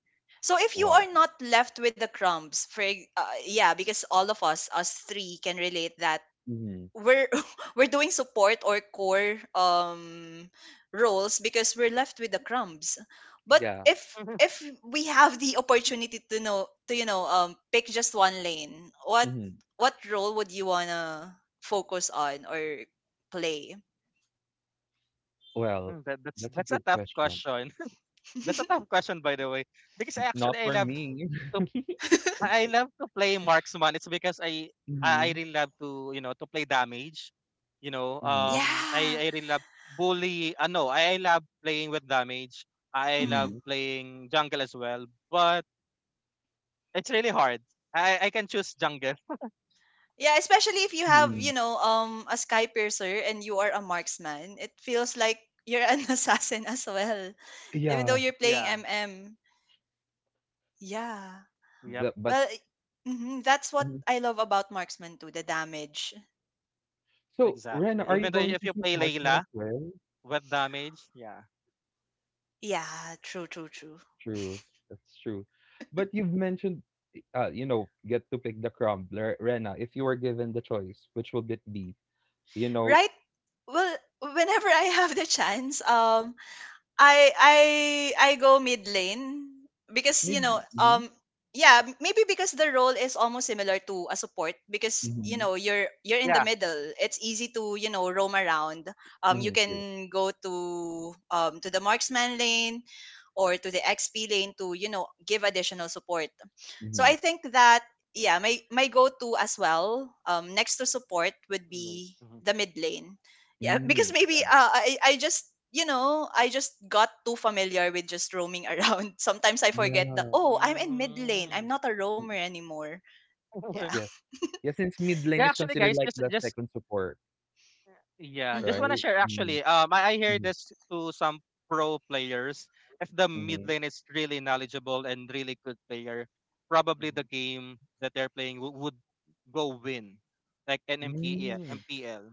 S2: So if you are not left with the crumbs, for yeah, because all of us, us three, can relate that
S1: Mhm.
S2: we're we're doing support or core roles because we're left with the crumbs. But
S1: Yeah.
S2: if we have the opportunity to know to pick just one lane,
S1: Mhm.
S2: what role would you wanna focus on or play?
S1: Well,
S3: That that's
S1: that's a
S3: that's a
S1: good
S3: tough
S1: question.
S3: question. That's a tough question by the way, because I actually
S1: Not for me.
S3: to I love to play marksman. It's because I
S1: Mhm.
S3: really love to you know to play damage. You know,
S1: Mhm.
S3: um,
S2: Yeah.
S3: I I really love bully. No, I love playing with damage. I love
S2: Hmm.
S1: Mhm.
S3: playing jungle as well, but it's really hard. I can choose jungle.
S2: Yeah, especially if you have
S1: Mhm.
S2: a sky piercer and you are a marksman, it feels like you're an assassin as well, even though
S1: Yeah.
S2: you're playing
S3: Yeah.
S2: yeah.
S3: Yep.
S1: The but
S2: Well, mhm, that's what
S1: Mhm.
S2: I love about marksman too, the damage.
S1: So, Ren,
S3: Exactly.
S1: are you
S3: Even though
S1: going
S3: if
S1: to
S3: you
S1: choose
S3: play
S1: marksman as
S3: Layla
S1: well?
S3: with damage, yeah,
S2: Yeah, true, true, true.
S1: True. That's true. But you've mentioned, you know, get to pick the crumbler. Rena, if you were given the choice, which will it be? You know,
S2: Right? Well, whenever I have the chance, I I I go mid lane because
S1: maybe. Mm-hmm.
S2: yeah, maybe because the role is almost similar to a support because
S1: Mm-hmm.
S2: you're in the
S3: yeah.
S2: middle. It's easy to roam around. You
S1: Mm-hmm. True.
S2: can go to the marksman lane or to the XP lane to give additional support. So
S1: Mm-hmm.
S2: I think that yeah, my go to as well next to support would
S3: Mm,
S2: be
S3: mhm.
S2: the mid lane, yeah,
S1: Mm-hmm.
S2: because maybe I just I just got too familiar with just roaming around. Sometimes I forget that,
S1: Yeah.
S2: oh, I'm in mid lane.
S3: Mm.
S2: I'm not a roamer anymore. Yeah.
S1: Yes. Yeah, since mid lane
S3: Yeah,
S1: is
S3: actually,
S1: considered
S3: guys,
S1: like
S3: just
S1: the
S3: just
S1: second support,
S3: Yeah, just
S2: Mm-hmm.
S1: right?
S3: wanna share
S1: Mm,
S3: actually. I hear
S1: mhm,
S3: this to some pro players. If the mid
S1: mhm,
S3: lane is really knowledgeable and really good player, probably
S1: mhm.
S3: the game that they're playing would go win, like an
S1: Mm,
S3: MPL.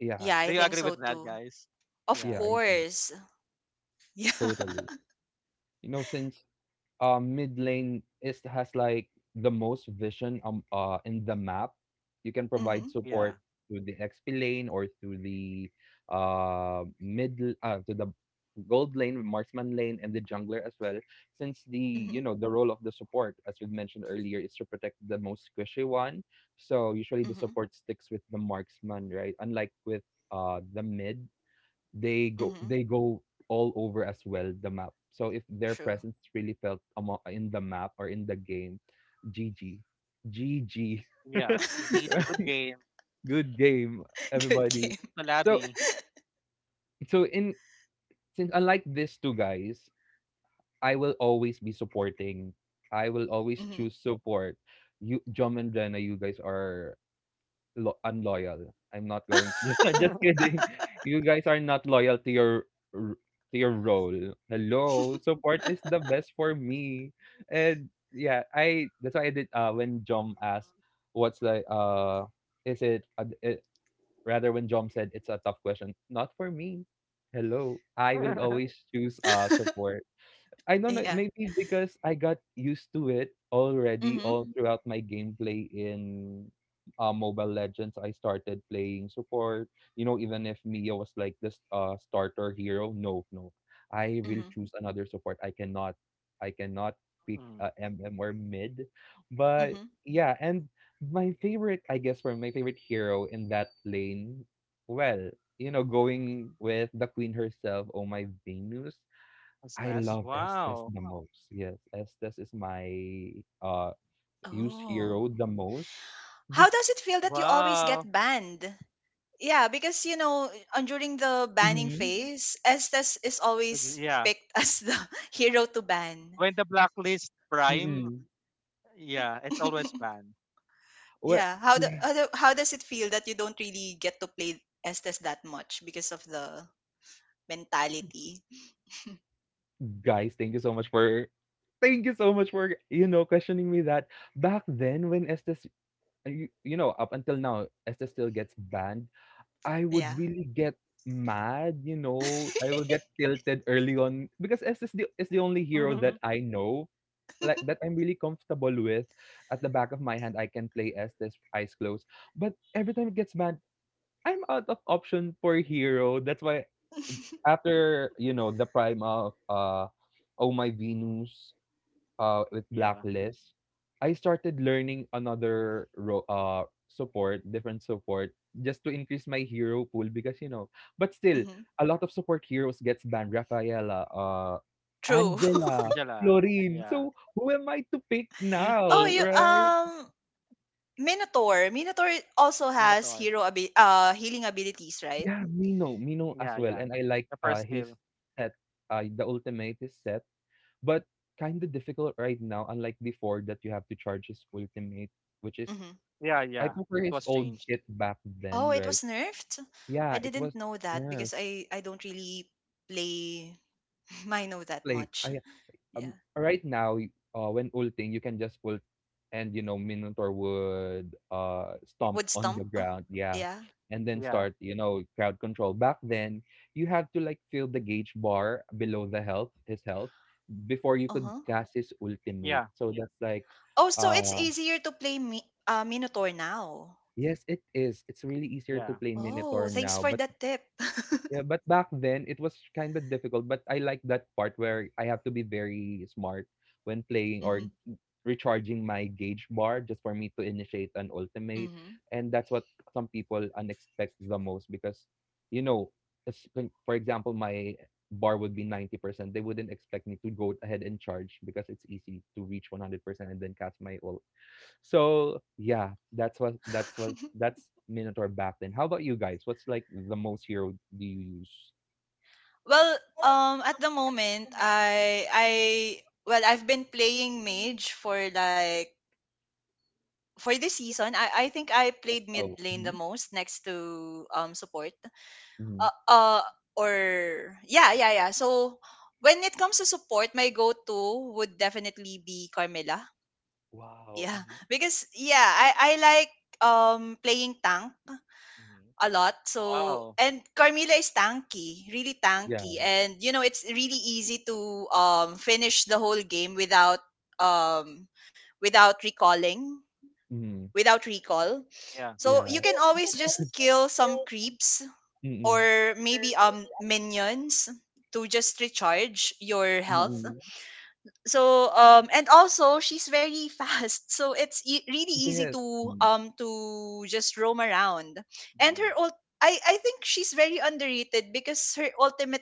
S1: yeah,
S2: Yeah,
S3: Do
S2: I
S3: you
S2: think
S3: agree
S2: so
S3: with that,
S2: too.
S3: guys?
S2: Of
S3: Yeah,
S1: yeah, I see.
S2: course. Yeah.
S1: Totally. You know, since mid lane is has like the most vision in the map. You can provide
S2: Mm-hmm.
S3: yeah,
S1: support to the XP lane or to the mid to the gold lane, marksman lane, and the jungler as well. Since the,
S2: Mm-hmm.
S1: you know, the role of the support, as we mentioned earlier, is to protect the most squishy one. So usually the
S2: Mm-hmm.
S1: support sticks with the marksman, right? Unlike with the mid,
S2: Mm-hmm.
S1: they go all over as well the map. So if their
S2: True.
S1: presence really felt in the map or in the game, GG, GG,
S3: yeah. GT, good game.
S1: good game,
S2: Good
S1: everybody.
S2: game.
S1: So
S3: Malabi.
S1: so in since unlike these two guys, I will always be supporting. I will always
S2: Mm-hmm.
S1: choose support. You, Jom and Jenna, you guys are lo unloyal. I'm not going just kidding. You guys are not loyal to your r to your role. Hello, support is the best for me. And yeah, I that's why I did when Jom asked what's like is it, it rather when Jom said it's a tough question, not for me. Hello, I will always choose support. I don't know.
S2: Yeah.
S1: Maybe because I got used to it already
S2: Mm-hmm.
S1: all throughout my gameplay in Mobile Legends. I started playing support. You know, even if Mia was like this starter hero, no, no, I will
S2: Mm-hmm.
S1: choose another support. I cannot pick
S3: Mm,
S1: MM or mid. But
S2: Mm-hmm.
S1: yeah, and my favorite, I guess, for my favorite hero in that lane, well, you know, going with the queen herself, Oh My Venus,
S3: that's
S1: I
S3: fast.
S1: love Estes
S3: Wow,
S1: the most. Yes, Estes is my uh used
S2: Oh.
S1: hero the most.
S2: How
S1: Just
S2: does it feel that you always
S3: wow.
S2: get banned? Yeah, because you know, on during the banning
S1: Mm-hmm.
S2: phase, Estes is always
S3: Yeah,
S2: picked as the hero to ban.
S3: when the blacklist prime,
S1: Mm-mm.
S3: yeah, it's always fun.
S1: Well,
S2: Yeah, how the,
S1: yeah,
S2: how the how does it feel that you don't really get to play Estes that much because of the mentality?
S1: guys, thank you so much for, you know, questioning me that back then when Estes, you know, up until now Estes still gets banned, I
S2: Yeah.
S1: would really get mad. You know, I will get tilted early on because S is the only hero that I know, like, that I'm really comfortable with. At the back of my hand, I can play Estes eyes closed. But every time it gets mad, I'm out of option for hero. That's why after, you know, the prime of Oh My Venus, with
S3: yeah.
S1: Blacklist, I started learning another ro support, different support, just to increase my hero pool because, you know, but still,
S2: Hmm.
S1: a lot of support heroes gets banned. Rafaela,
S2: True.
S1: Angela,
S3: Angela.
S1: Florine.
S3: Yeah.
S1: So who am I to pick
S2: Oh,
S1: now,
S3: DD.
S2: you
S1: right?
S2: Minotaur. Minotaur also has
S3: Minotaur.
S2: healing abilities, right?
S1: Yeah, Mino, Mino as
S3: Yeah,
S1: well.
S3: yeah.
S1: And I like
S3: The first
S1: his
S3: skill.
S1: set, the ultimate is set, but kind of difficult right now, unlike before that you have to charge his ultimate, which is
S2: Hmm.
S3: Yeah,
S1: I
S3: yeah.
S1: prefer
S3: It
S1: his
S3: was
S1: old
S3: changed.
S1: kit back
S2: Oh,
S1: then,
S2: it
S1: right?
S2: was nerfed. I
S1: Yeah, it
S2: didn't
S1: was
S2: know that
S1: Nerf.
S2: because I don't really play. I know that
S1: Like,
S2: much.
S1: I,
S2: Yeah.
S1: right now, when ulting, you can just ult and, you know, Minotaur would stomp
S2: Wood
S1: on the
S2: stump.
S1: ground. Yeah.
S2: Yeah.
S1: And then
S3: Yeah.
S1: start, you know, crowd control. Back then, you had to, like, fill the gauge bar below the health, his health, before you could
S2: Uh-huh.
S1: cast his ultimate.
S3: Yeah.
S1: So that's like,
S2: Oh, so it's
S1: uh,
S2: easier to play Minotaur now.
S1: yes, it is. It's really easier to
S3: Yeah.
S1: play
S2: Oh,
S1: Minotaur
S2: thanks
S1: now,
S2: for
S1: but
S2: that tip.
S1: yeah, but back then it was kind of difficult, but I like that part where I have to be very smart when playing or
S2: Mm-hmm.
S1: recharging my gauge bar just for me to initiate an ultimate.
S2: Mm-hmm.
S1: And that's what some people unexpect the most because, you know, it's like, for example, my bar would be 90%. They wouldn't expect me to go ahead and charge because it's easy to reach 100% and then cast my ult. So yeah, that's what that's what that's Minotaur back then. How about you guys? What's like the most hero do you use?
S2: Well, at the moment, well, I've been playing Mage for like, for this season, I think I played mid
S1: Oh,
S2: lane the
S1: mhm,
S2: most next to support.
S1: mhm.
S2: Uh, uh or yeah, so when it comes to support, my go-to would definitely be Carmela,
S1: Wow.
S2: yeah.
S1: Mm-hmm.
S2: Because yeah, I like playing tank
S1: Mm-hmm.
S2: a lot. So,
S3: Wow.
S2: and Carmela is tanky really tanky,
S1: Yeah,
S2: and you know, it's really easy to finish the whole game without um without recalling
S1: mhm,
S2: without recall.
S3: Yeah.
S2: So
S1: yeah.
S2: you can always just kill some creeps, or maybe minions, to just recharge your health.
S1: Mm.
S2: So and also she's very fast, so really easy
S1: Yes.
S2: to
S1: Mm.
S2: just roam around. and
S1: Mm.
S2: her ult- I I think she's very underrated because her ultimate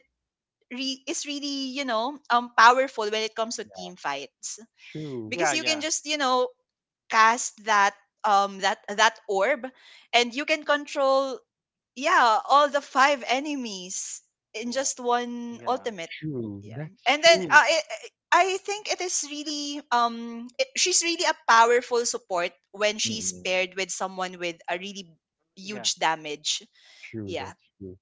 S2: re- is really, you know, powerful when it comes to
S1: Yeah.
S2: team fights,
S1: True.
S2: because
S3: Yeah,
S2: you can
S3: yeah.
S2: just you know cast that that orb, and you can control yeah, all the five enemies in
S1: Wow.
S2: just one
S3: Yeah.
S2: ultimate.
S1: True.
S2: Yeah,
S1: That's
S2: and then
S1: true.
S2: I think it is really she's really a powerful support when she's
S1: Mm.
S2: paired with someone with a really
S3: Yeah.
S2: huge damage.
S1: True.
S2: Yeah.
S1: That's true.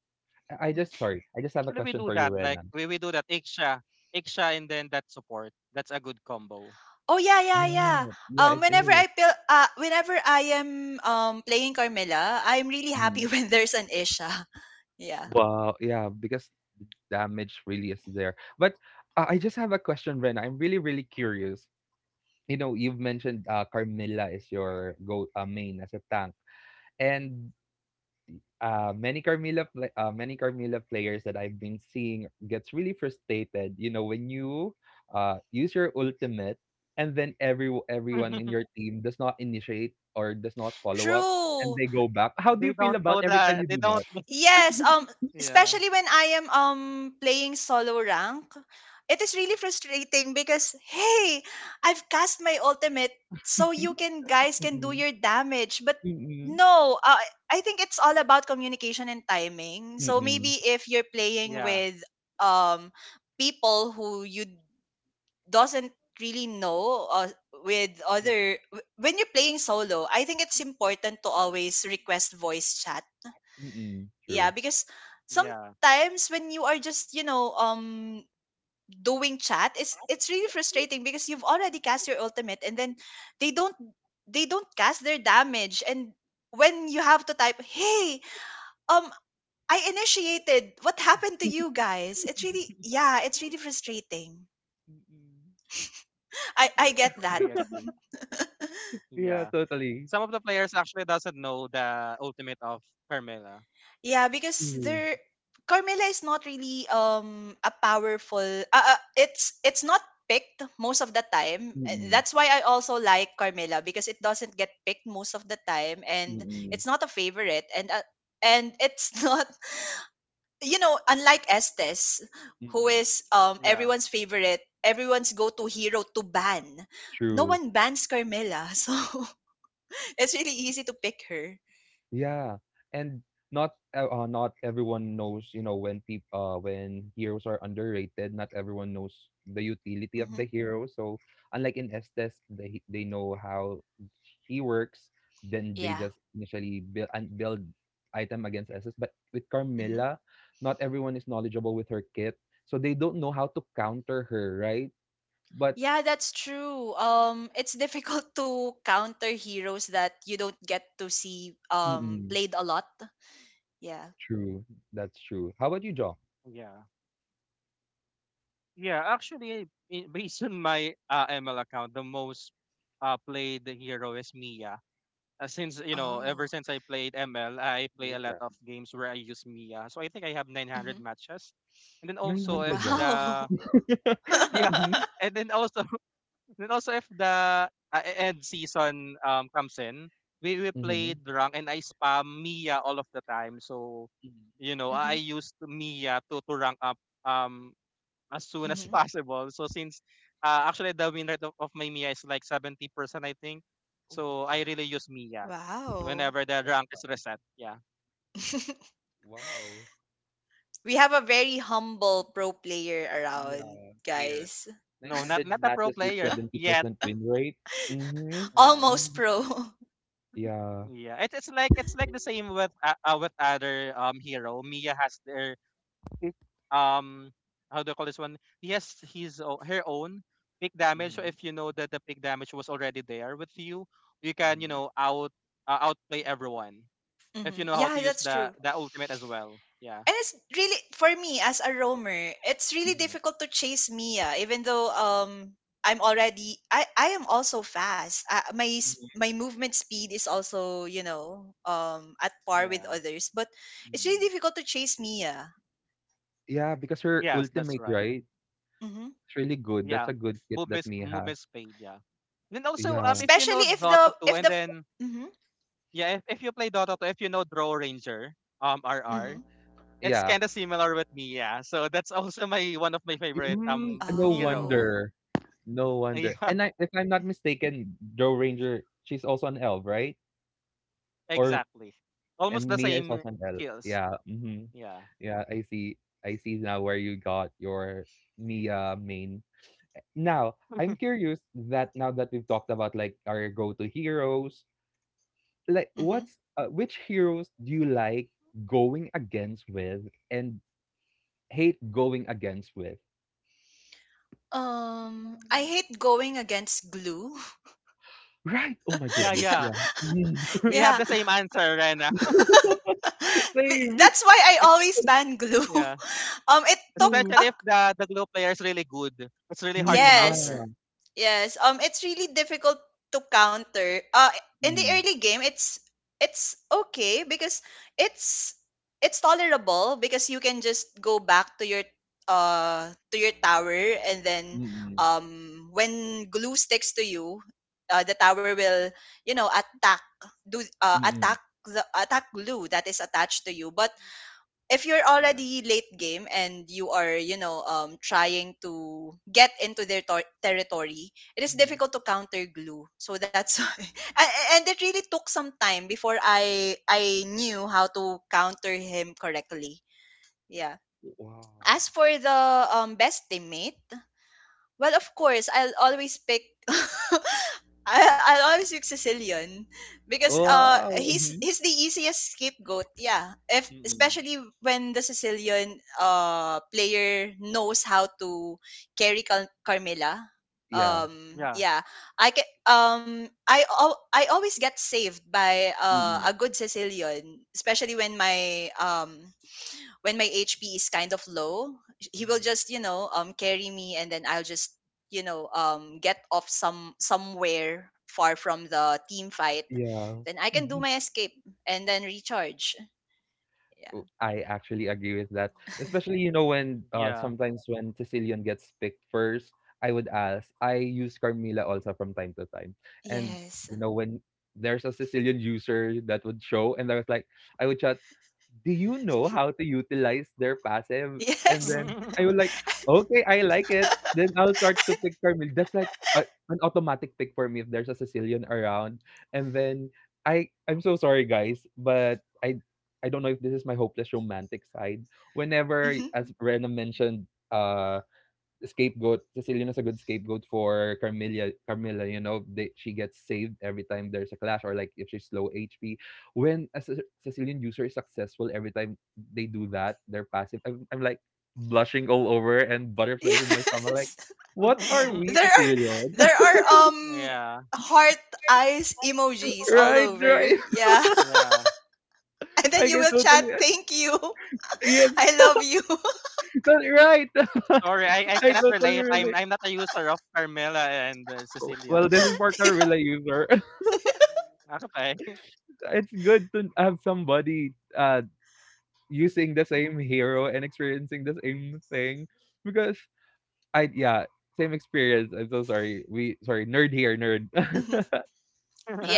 S1: I
S2: Mm.
S1: just Sorry. I just have a
S3: Actually we
S1: question
S3: do
S1: for you,
S3: that. Like
S1: Renan.
S3: we do that Iksha. Iksha and then that support. That's a good combo.
S2: Oh yeah, yeah,
S1: Yeah.
S2: yeah.
S1: Yeah. It
S2: Whenever
S1: is.
S2: whenever I am playing Carmela, I'm really happy
S1: Mm.
S2: when there's an Isha. Yeah.
S1: Wow. Yeah. Because damage really is there. But I just have a question, Renan. I'm really, really curious. You know, you've mentioned Carmilla is your go main as a tank, and many Carmilla players that I've been seeing gets really frustrated. You know, when you use your ultimate and then everyone in your team does not initiate or does not follow up, and
S2: True.
S1: they go back. How do
S3: They
S1: you feel
S3: don't
S1: about
S3: know
S1: every time
S3: that
S1: you
S3: they
S1: do
S3: don't.
S1: that?
S2: Yes,
S3: Yeah.
S2: especially when I am playing solo rank, it is really frustrating because hey, I've cast my ultimate so you can guys can do
S1: Mm-mm,
S2: your damage, but
S1: mm-mm,
S2: no, I think it's all about communication and timing. So maybe
S1: mm-mm,
S2: if you're playing
S3: Yeah.
S2: with um people who you doesn't really know with
S3: Yeah.
S2: when you're playing solo, I think it's important to always request voice chat,
S1: mm-mm,
S2: yeah,
S1: true.
S2: because
S3: Yeah.
S2: sometimes when you are just, you know, doing chat, it's really frustrating because you've already cast your ultimate, and then they don't they don't cast their damage, and when you have to type, "Hey, um I initiated. What happened to you guys?" It's really yeah, it's really frustrating.
S1: Mm-mm.
S2: I get that.
S3: Agree, agree.
S1: Yeah,
S3: Yeah.
S1: totally.
S3: Some of the players actually doesn't know the ultimate of Carmela.
S2: Yeah, because
S1: True.
S2: there Carmela is not really a powerful it's not picked most of the time.
S1: Mm-mm,
S2: That's why I also like Carmela, because it doesn't get picked most of the time, and
S1: mm-mm,
S2: it's not a favorite, and it's not, you know, unlike Estes, who
S1: mm-mm,
S2: is
S3: Yeah.
S2: everyone's favorite, everyone's go-to hero to ban. No
S1: true.
S2: one bans Carmela, so it's really easy to pick her.
S1: Yeah, and not not everyone knows, you know, when people when heroes are underrated. Not everyone knows the utility of the
S2: Hmm.
S1: hero. So unlike in Estes, they know how he works. Then they
S2: Yeah.
S1: just initially build and build item against Estes. But with
S2: Mm-hmm.
S1: Carmilla, not everyone is knowledgeable with her kit, so they don't know how to counter her, right? But
S2: Yeah, that's true. It's difficult to counter heroes that you don't get to see
S1: mm-mm,
S2: played a lot. Yeah.
S1: true, that's true. How about you, John?
S3: Yeah. Yeah, actually, based on my ML account, the most played hero is Mia. Since you know, ever
S2: Oh.
S3: since I played ML, I play a lot
S1: Yeah.
S3: of games where I use Mia. So I think I have 900
S2: Hmm.
S3: matches. And then
S1: Nine
S3: also if
S1: hundred. Wow.
S3: the
S2: Wow.
S3: yeah,
S1: Mhm.
S3: and then also then also if the end season comes in, we play
S1: Mhm.
S3: rank and I spam Mia all of the time. So
S1: Mhm.
S3: you know, I
S2: Hmm.
S3: used Mia to rank up. Um, as soon as
S2: Hmm.
S3: possible. So since actually the win rate of my Mia is like 70%, I think.
S1: Oh,
S3: So
S1: that's
S3: I
S1: high.
S3: really use Mia
S2: Wow.
S3: whenever the rank
S1: That's
S3: is reset. Yeah.
S1: wow.
S2: We have a very humble pro player around,
S1: Yeah, here.
S2: guys.
S3: No, not
S1: 900
S3: not a pro
S1: matches with
S3: player yet.
S1: 70% win rate. Mm-hmm.
S3: Yeah.
S2: Almost
S1: Mm-hmm.
S2: pro.
S1: Yeah.
S3: Yeah. It's like the same with other hero. Mia has their um, how do you call this one? He has her own big damage. So
S1: Mm-hmm.
S3: if you know that the big damage was already there with you, you can, you
S1: Mm-hmm.
S3: know, outplay everyone. If you
S2: Hmm.
S3: know how
S2: Yeah,
S3: to use
S2: that's true.
S3: the ultimate as well. Yeah.
S2: And it's really for me as a roamer, it's really
S1: Mm-hmm.
S2: difficult to chase Mia, even though I'm already I am also fast. My movement speed is also, you know, at par with
S3: Yeah.
S2: others, but it's really
S1: Mm-hmm.
S2: difficult to chase Mia.
S1: Yeah, because her
S3: Yes, that's
S1: ultimate,
S3: right.
S1: right?
S2: Hmm.
S1: It's really good. That's
S3: Yeah.
S1: a good kit that
S3: Movement
S1: Mia has.
S3: movement speed, yeah. Then also
S1: Yeah.
S3: if you
S2: Especially
S3: know
S2: if
S3: Dota
S2: the
S3: 2
S2: if
S3: and
S2: the
S3: then
S2: mm-hmm,
S3: yeah, if you play Dota 2, if you know Draw Ranger, RR,
S1: Mhm.
S2: mm-hmm.
S3: it's
S1: Yeah.
S3: kind of similar with me, yeah. So that's also my one of my favorite
S1: Mm, no
S3: hero.
S2: Oh,
S1: wonder. No wonder. And I, if I'm not mistaken, Joe Ranger, she's also an elf, right?
S3: Yeah,
S1: Or
S3: exactly. Almost
S1: and
S3: the
S1: Mia is
S3: same
S1: also an elf.
S3: skills.
S1: Yeah. Mm-hmm.
S3: Yeah.
S1: Yeah, I see. I see now where you got your Mia main. Now, I'm curious that now that we've talked about like our go-to heroes, like
S2: mm-hmm.
S1: what's which heroes do you like going against with and hate going against with?
S2: Um, I hate going against glue.
S1: Right. Oh my
S3: Yeah,
S1: goodness.
S2: Yeah.
S3: yeah.
S1: Yeah. Mm.
S3: We have
S2: Yeah.
S3: the same answer, Rena.
S2: Be-
S1: Same.
S2: that's why I
S3: It's,
S2: always ban glue.
S3: yeah.
S2: It took
S1: True.
S3: Especially
S2: a
S3: if the glue player is really good. It's really hard to
S1: Mm,
S2: yes,
S1: yeah.
S3: counter.
S2: yes. It's really difficult to counter. In the
S1: Mm,
S2: early game, it's okay, because it's it's tolerable because you can just go back to your tower, and then
S1: mm,
S2: when glue sticks to you, the tower will, you know,
S1: mm, mm.
S2: attack the attack glue that is attached to you, but if you're
S3: Yeah.
S2: already late game and you are, you know, trying to get into their territory, it is
S1: Mm.
S2: difficult to counter glue. So that's why, and it really took some time before I knew how to counter him correctly. Yeah.
S1: Wow.
S2: As for the best teammate, well, of course, I'll always pick. I'll always pick Sicilian because
S1: Wow. Hmm.
S2: he's the easiest scapegoat. Yeah, if
S1: Mm.
S2: especially when the Sicilian player knows how to carry Carmela.
S1: Yeah.
S2: Um,
S3: Yeah.
S2: yeah, I can, I always get saved by
S1: Mm-hmm.
S2: a good Sicilian, especially when my HP is kind of low. He will
S1: Mhm.
S2: just, you know, carry me, and then I'll just, you know, get off some somewhere far from the team fight.
S1: Yeah.
S2: Then I can do
S1: Mhm.
S2: my escape and then recharge.
S1: Oh,
S2: Yeah.
S1: I actually agree with that. Especially, you know, when
S3: Yeah.
S1: sometimes when Sicilian gets picked first, I would ask. I use Carmila also from time to time. And
S2: Yes.
S1: you know, when there's a Sicilian user that would show and I was like I would chat, do you know how to utilize their passive? And
S2: Yes.
S1: then I was like, okay, I like it. Then I'll start to pick for me. An automatic pick for me if there's a Sicilian around. And then I'm so sorry, guys, but I don't know if this is my hopeless romantic side. Whenever,
S2: Mhm.
S1: as Rena mentioned, scapegoat. Cecilian is a good scapegoat for Carmilla. Carmilla, you know, she gets saved every time there's a clash, or like if she's low HP. When a Cecilian user is successful, every time they do that, they're passive. I'm like blushing all over and butterflies in my stomach. Like,
S2: Yes.
S1: what are we,
S2: There are
S1: Cecilian?
S2: there are um
S3: yeah.
S2: heart eyes emojis all
S1: Right, right.
S2: over. Yeah.
S3: Yeah.
S2: And then
S1: I
S2: you
S1: can
S2: will chat
S1: totally
S2: thank you.
S1: yes,
S2: I love you.
S1: that's right.
S3: Sorry, I
S1: I
S3: cannot
S1: totally
S3: relate. I'm
S1: relate.
S3: I'm not a user of Carmela and
S1: Oh,
S3: Cecilia.
S1: well, this is for
S2: Yeah.
S1: Carmilla user.
S3: Okay.
S1: It's good to have somebody using the same hero and experiencing the same thing because I yeah same experience. I'm so sorry. We sorry nerd here nerd.
S2: Mm-hmm.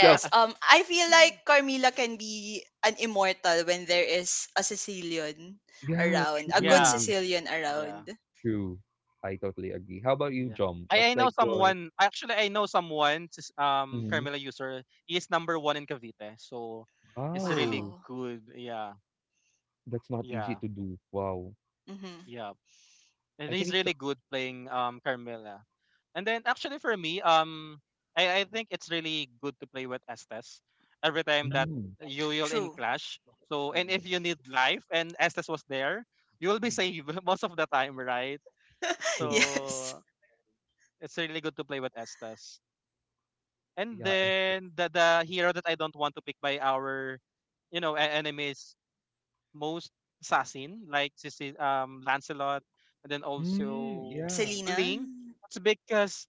S1: So
S2: I feel like Carmila can be an immortal when there is a Sicilian
S1: yeah,
S2: around, a good
S3: yeah.
S1: true,
S2: Sicilian
S3: Yeah.
S2: around.
S1: true. I totally agree. How about you,
S3: Yeah.
S1: Jom?
S3: I,
S1: What's
S3: I know
S1: like your
S3: someone. Actually, I know someone.
S1: Mhm.
S3: Carmela user. He is number one in Cavite, so it's really
S1: Wow?
S2: Wow.
S3: good. Yeah.
S1: That's not easy
S3: Yeah.
S1: to do. Wow,
S2: Mm-hmm.
S3: Yeah. And
S1: I think
S3: he's
S1: it's
S3: really good playing Carmilla. And then actually for me, I think it's really good to play with Estes every time that
S1: mm,
S3: you will in
S2: True.
S3: clash. So and if
S1: mm,
S3: you need life and Estes was there, you will be
S1: mm,
S3: saved most of the time, right?
S1: true.
S2: Yes.
S3: So it's really good to play with Estes. And
S1: Yeah, Esther.
S3: then the hero that I don't want to pick by our, you know, enemies most assassin like Lancelot and then
S1: Mm,
S3: also
S1: yeah.
S2: Selena.
S3: Link. It's because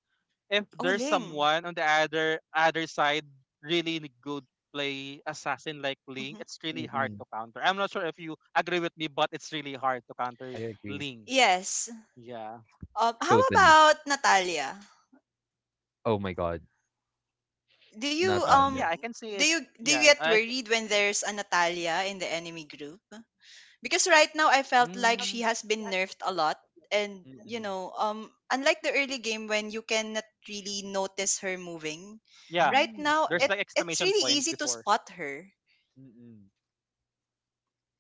S3: if
S2: Oh,
S3: there's
S2: Ling.
S3: someone on the other side really good play assassin like Link,
S2: Mm-hmm.
S3: it's really hard
S1: Mm-mm.
S3: to counter. I'm not sure if you agree with me, but it's really hard to
S1: I
S3: counter
S1: agree
S3: Link.
S2: Yes.
S3: Yeah.
S2: How
S1: totally.
S2: about Natalia?
S1: Oh my God,
S2: Do you
S3: Yeah,
S1: Natalia.
S3: I can see it.
S2: do you
S3: Yeah,
S2: get worried when there's a Natalia in the enemy group? Because right now I felt like
S3: mm,
S2: she has been nerfed a lot, and you
S1: Mm-mm.
S2: know, unlike the early game when you cannot really notice her moving,
S3: yeah,
S2: right
S1: Mm,
S2: now
S3: there's
S2: it
S3: like
S2: it's
S3: exclamation
S2: really
S3: point
S2: easy to
S3: before.
S2: spot her.
S1: mm.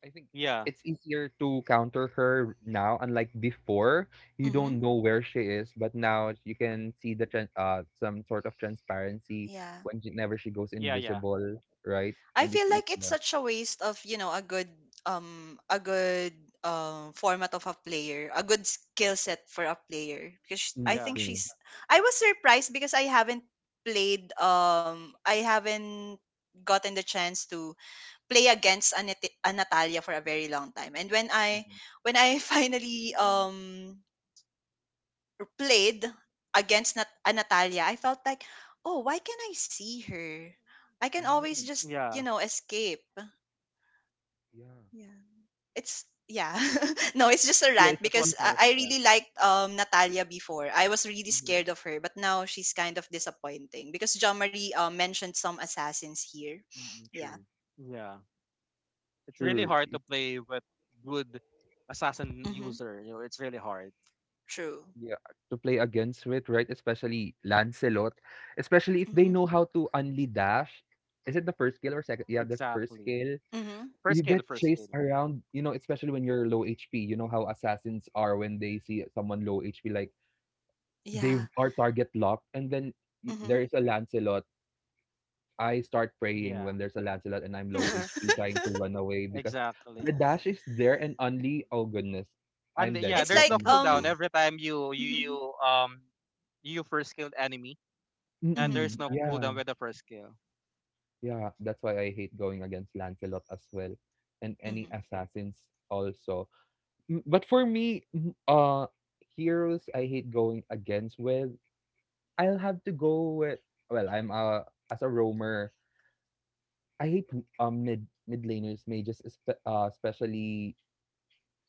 S1: I think
S3: Yeah.
S1: it's easier to counter her now, unlike before. You don't
S2: Mhm.
S1: know where she is, but now you can see the some sort of transparency
S2: Yeah,
S1: whenever she goes
S3: Yeah, yeah.
S1: invisible, right?
S2: I
S1: And
S2: feel
S1: it's
S2: like it's
S1: easier.
S2: such a waste of, you know, a good um a good format of a player, a good skill set for a player, because
S1: Mm,
S2: I
S3: Yeah.
S2: think
S1: true.
S2: she's I was surprised because I haven't played I haven't gotten the chance to play against a, a Natalia for a very long time. And
S1: Mhm.
S2: when I finally played against a Natalia, I felt like, oh, why can I see her? I can always
S1: Mm,
S2: just, you
S3: Yeah.
S2: know, escape.
S1: yeah.
S2: Yeah, it's yeah. No, it's just a
S1: Yeah,
S2: rant
S1: it's
S3: That was
S2: because
S1: easy.
S3: nerf.
S2: I
S3: Yeah.
S2: really liked Natalia before. I was really
S1: Mhm.
S2: scared of her, but now she's kind of disappointing because John Marie mentioned some assassins here.
S1: Mm,
S2: Yeah.
S1: true.
S3: Yeah. It's really
S1: True.
S3: hard to
S1: it-
S3: play with good assassin
S2: Mm-hmm.
S3: user. You know, it's really hard.
S2: True.
S1: Yeah, to play against with, right? Especially Lancelot. Especially if they
S2: Mm-hmm.
S1: know how to only dash. Is it the first skill or second? Yeah, the first
S3: Exactly.
S1: skill.
S2: Mm-hmm.
S3: First
S1: You
S3: skill,
S1: get
S3: first skill.
S1: chased around, you know, especially when you're low HP. You know how assassins are when they see someone low HP, like they
S2: Yeah.
S1: are target locked. And then
S2: Mm-hmm.
S1: there is a Lancelot. I start praying
S3: Yeah.
S1: when there's a Lancelot and I'm low HP trying to run away because
S3: exactly.
S1: the dash is there and only, oh goodness,
S3: And
S1: I'm dead
S3: yeah,
S2: It's
S3: there's
S2: like
S3: no cooldown
S1: automatically.
S3: every time
S2: mhm,
S3: you first killed enemy, and
S2: mhm,
S1: Mm-mm.
S3: there's no
S1: Uh-huh. Yeah,
S3: cooldown with the first kill.
S1: yeah. That's why I hate going against Lancelot as well, and any
S2: mhm.
S1: assassins also. Mm, but for me, mm, heroes I hate going against with. I'll have to go with. Well, I'm as a roamer. I hate mid laners, mages, especially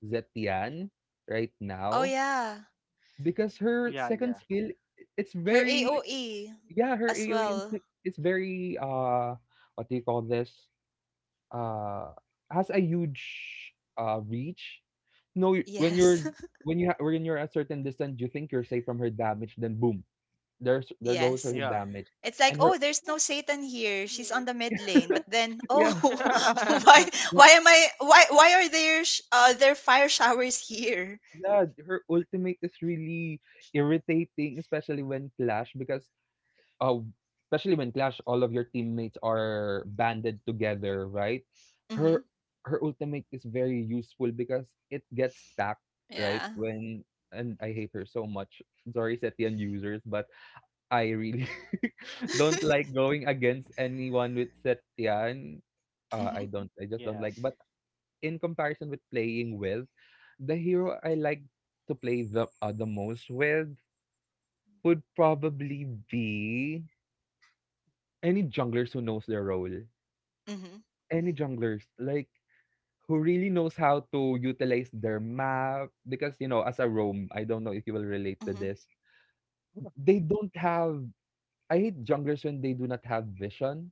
S1: Zetian right
S2: Oh
S1: now
S2: yeah.
S1: because her
S3: Yeah,
S1: second
S3: yeah,
S1: skill it's
S2: Her
S1: very
S2: AOE
S1: yeah her
S2: as
S1: AOE
S2: well.
S1: is very what do you call this uh, has a huge reach. No, y- when
S2: Yes.
S1: you're when you're a certain distance, you think you're safe from her damage. Then boom, there goes her
S2: Yes.
S3: yeah,
S1: damage,
S2: It's like,
S1: and her
S2: "Oh, there's no Satan here. She's on the mid lane." But then, "Oh,
S1: yeah.
S2: why
S1: yeah,
S2: why am I, why are there fire showers here?"
S1: yeah, her ultimate is really irritating, especially when Clash because uh, especially when Clash, all of your teammates are banded together, right?
S2: Mhm.
S1: Her Her ultimate is very useful because it gets stacked, right?
S2: Yeah.
S1: When and I hate her so much. Sorry, Setian users, but I really don't like going against anyone with Setian.
S2: mhm.
S1: I don't. I just don't
S3: yeah,
S1: like. But in comparison with playing with, the hero I like to play the most with would probably be any junglers who knows their role,
S2: Mhm.
S1: any junglers like who really knows how to utilize their map because you know as a roam, I don't know if you will relate to
S2: Mhm.
S1: this. They don't have I hate junglers when they do not have vision.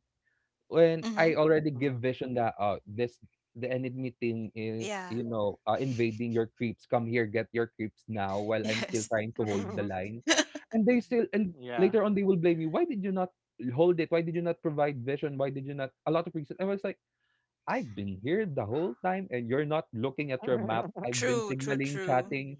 S1: When
S2: Mhm.
S1: I already give
S3: Mhm.
S1: vision that this the enemy team is
S2: Yeah.
S1: invading your creeps, come here, get your creeps now while I'm still
S2: Yes.
S1: trying to hold the line, and they still and
S3: yeah,
S1: later on they will blame you, why did you not hold it, why did you not provide vision, why did you not, a lot of reasons. I was like, I've been here the whole time and you're not looking at your map. I've been
S2: True, true,
S1: signaling,
S2: true.
S1: chatting,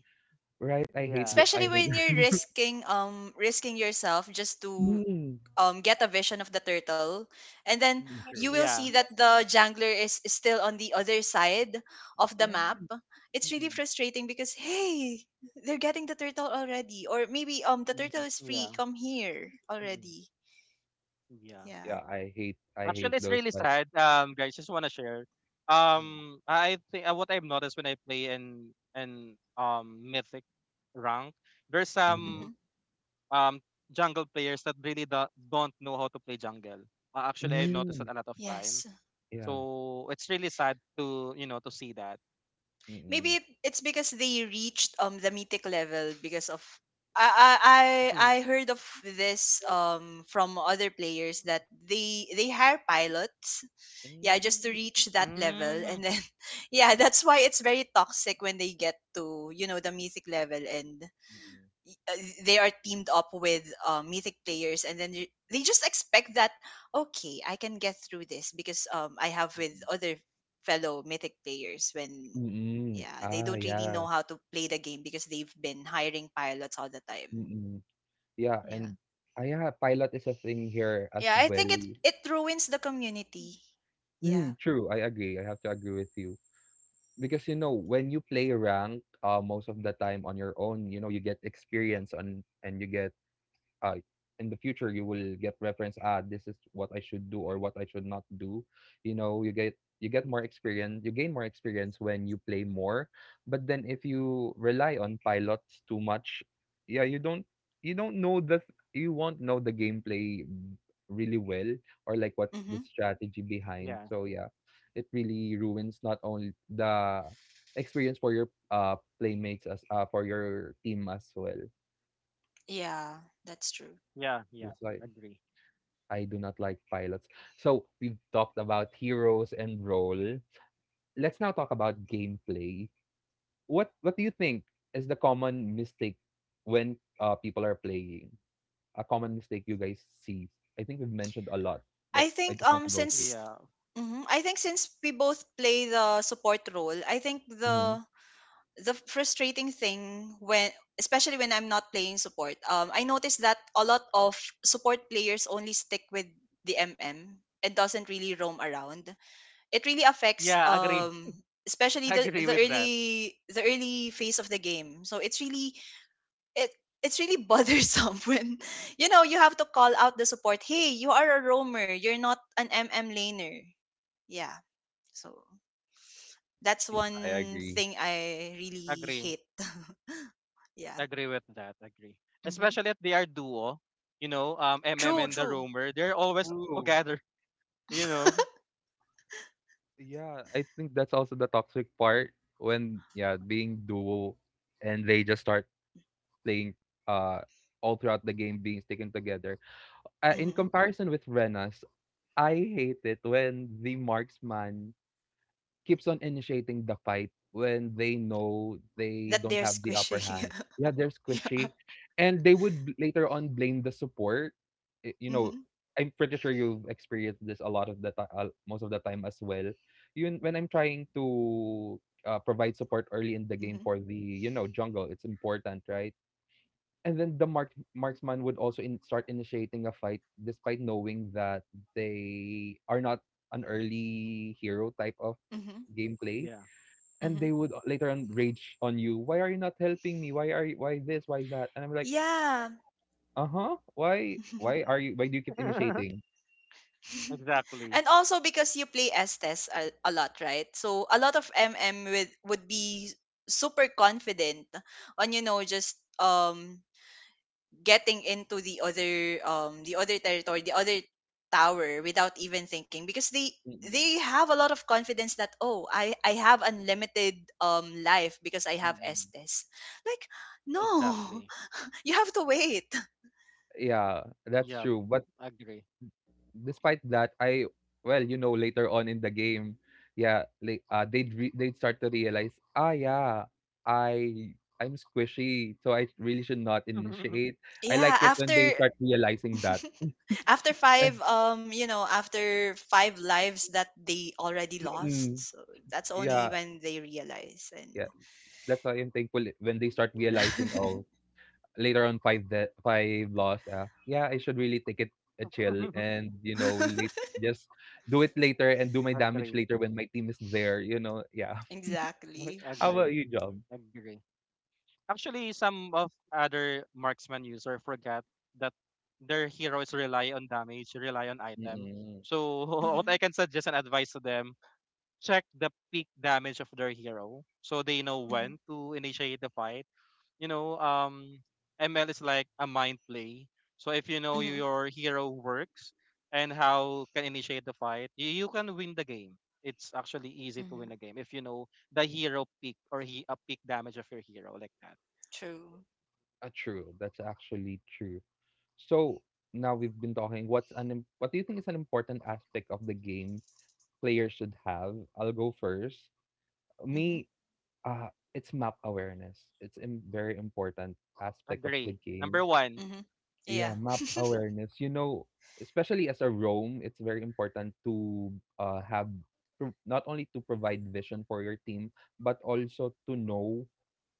S1: right? I hate
S3: yeah,
S1: you. I
S2: Especially
S1: hate
S2: when you're risking yourself just to
S1: Mm.
S2: get a vision of the turtle. And then
S1: Mm,
S2: you
S1: true.
S2: will
S3: yeah,
S2: see that the jangler is still on the other side of the map.
S1: Right.
S2: It's really
S1: Mm-mm.
S2: frustrating because, hey, they're getting the turtle already. Or maybe the turtle
S1: Mm-mm.
S2: is
S3: yeah,
S2: free. Come here
S1: Mm-mm.
S2: already.
S3: yeah.
S2: Yeah.
S1: Yeah, I hate
S3: Actually, it's
S1: those
S3: really
S1: like
S3: sad. Guys, just want to share.
S1: mm,
S3: I think what I've noticed when I play in mythic rank, there's
S1: mhm.
S3: some
S2: hmm
S3: um jungle players that really do don't know how to play jungle. Actually, I noticed
S1: Mm.
S3: that a lot of
S2: Yes.
S3: time.
S1: Yeah.
S3: So it's really sad to you know to see that.
S2: Maybe
S1: Mm-mm.
S2: it's because they reached the mythic level because of I I
S3: Mhm.
S2: I I heard of this from other players that they hire pilots, yeah, just to reach
S1: Mm.
S2: that level.
S3: Mm,
S2: And then yeah, that's why it's very toxic when they get to, you know, the mythic level. And
S1: Mm-mm.
S2: uh, they are teamed up with mythic players. And then they just expect that, okay, I can get through this because I have with
S1: Mm-mm.
S2: other fellow mythic players. When
S1: Mm-mm.
S2: Yeah, they
S1: Ah,
S2: don't really
S1: yeah.
S2: know how to play the game because they've been hiring pilots all the time.
S1: Mm-mm. Yeah,
S2: Yeah.
S1: and ah, yeah, pilot is a thing here as
S2: Yeah, I think
S1: well.
S2: it it ruins the community. Yeah.
S1: Mm, true, I agree. I have to agree with you. Because you know when you play rank, most of the time on your own, you know, you get experience on and you get uh, in the future you will get reference, ah, this is what I should do or what I should not do. You know, you get more experience, you gain more experience when you play more. But then if you rely on pilots too much, yeah you don't you don't know you won't know the gameplay really well, or like what's
S2: Mm-hmm.
S1: the strategy behind.
S3: yeah,
S1: So yeah, it really ruins not only the experience for your playmates, as for your team as well.
S2: Yeah, that's true.
S3: yeah, yeah.
S1: That's why
S3: Agree.
S1: I do not like pilots. So we've talked about heroes and role. Let's now talk about gameplay. What do you think is the common mistake when people are playing? A common mistake you guys see. I think we've mentioned a lot, but
S2: I
S1: I
S2: think
S1: just want to go through.
S3: Yeah,
S2: I think since we both play the support role, I think
S1: Hmm.
S2: the frustrating thing when, especially when I'm not playing support, I noticed that a lot of support players only stick with the MM and doesn't really roam around. It really affects,
S3: yeah. Agree.
S2: especially the
S3: Agree with that.
S2: the early phase of the game. So it's really, it it's really bothersome when, you know, you have to call out the support, "Hey, you are a roamer, you're not an MM laner." Yeah, so that's
S1: I
S2: one
S1: agree.
S2: thing I really
S3: Agree.
S2: hate. Yeah.
S3: Agree with that. Agree.
S2: Hmm.
S3: Especially if they are duo, you know, MM
S2: True,
S1: Mm,
S3: and the
S2: true.
S3: Roamer, they're always
S1: true.
S3: together, you know.
S1: Yeah, I think that's also the toxic part when yeah, being duo and they just start playing uh all throughout the game being sticking together. In
S2: Hmm,
S1: comparison with Renas, I hate it when the marksman keeps on initiating the fight when they know they
S2: that
S1: don't
S2: they're
S1: have the upper
S2: squishy.
S1: hand. Yeah, they're
S2: Yeah.
S1: squishy. And they would later on blame the support. You know,
S2: Hmm.
S1: I'm pretty sure you've experienced this a lot of the time, most of the time as well. Yun, when I'm trying to provide support early in the game
S2: Hmm.
S1: for the, you know, jungle, it's important, right? And then the marksman would also start initiating a fight despite knowing that they are not an early hero type of
S2: Hmm.
S1: gameplay,
S3: Yeah.
S1: and
S2: Hmm.
S1: they would later on rage on you, why are you not helping me, why are you, why this, why that, and I'm like,
S2: Yeah.
S1: uh-huh, why are you, why do you keep initiating.
S3: exactly.
S2: And also because you play Estes a lot, right? So a lot of M M with would be super confident on, you know, just getting into the other, the other territory, the other tower without even thinking because they
S1: Mm-mm.
S2: they have a lot of confidence that, oh, I have unlimited life because I have
S1: Mm-mm.
S2: Estes. Like, no,
S3: Exactly.
S2: you have to wait.
S1: Yeah that's
S3: Yep.
S1: true, but
S3: Agree.
S1: despite that, you know, later on in the game, yeah, like they'd they'd start to realize, ah, yeah, I I'm squishy, so I really should not initiate. I
S2: Yeah,
S1: like it when
S2: after
S1: they start realizing that.
S2: after
S1: Eh,
S2: five, you know, after five lives that they already lost,
S1: mm,
S2: so that's only
S1: yeah,
S2: when they realize.
S1: yeah,
S2: And
S1: that's why I'm thankful when they start
S3: yeah.
S1: realizing, oh, later on five that five lost. Yeah, I should really take it a chill and you know late just do it later and do my damage
S3: agree.
S1: later when my team is there. You know, yeah.
S2: exactly.
S1: How about
S3: Agree.
S1: you, Job?
S3: Agree. Actually, some of other marksman user forget that their heroes rely on damage, rely on item.
S1: Mm.
S3: So what
S2: Mm-hmm,
S3: I can suggest and advise to them, check the peak damage of their hero so they know
S2: mm-hmm,
S3: when to initiate the fight. You know, ML is like a mind play. So if you know
S2: mm-hmm,
S3: your hero works and how can initiate the fight, you can win the game. It's actually easy to win a
S2: mm-hmm.
S3: game if you know the hero peak or he a peak damage of your hero like that.
S2: True.
S1: Ah, true. That's actually true. So now we've been talking. What's an what do you think is an important aspect of the game players should have? I'll go first.
S2: Mm-hmm,
S1: Me, it's map awareness. It's a very important aspect of the
S3: Agree.
S1: game.
S3: Number one.
S2: mm-hmm.
S1: Yeah,
S2: Yeah.
S1: map awareness. You know, especially as a roam, it's very important to have not only to provide vision for your team, but also to know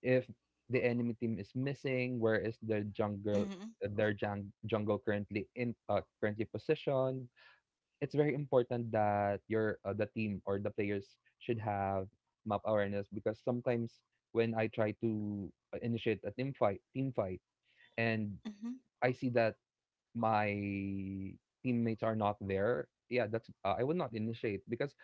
S1: if the enemy team is missing, where is the jungle,
S2: Mm-hmm,
S1: their jungle currently in currently positioned. It's very important that your the team or the players should have map awareness because sometimes when I try to initiate a team fight, and
S2: mm-hmm,
S1: I see that my teammates are not there, yeah, that's I would not initiate because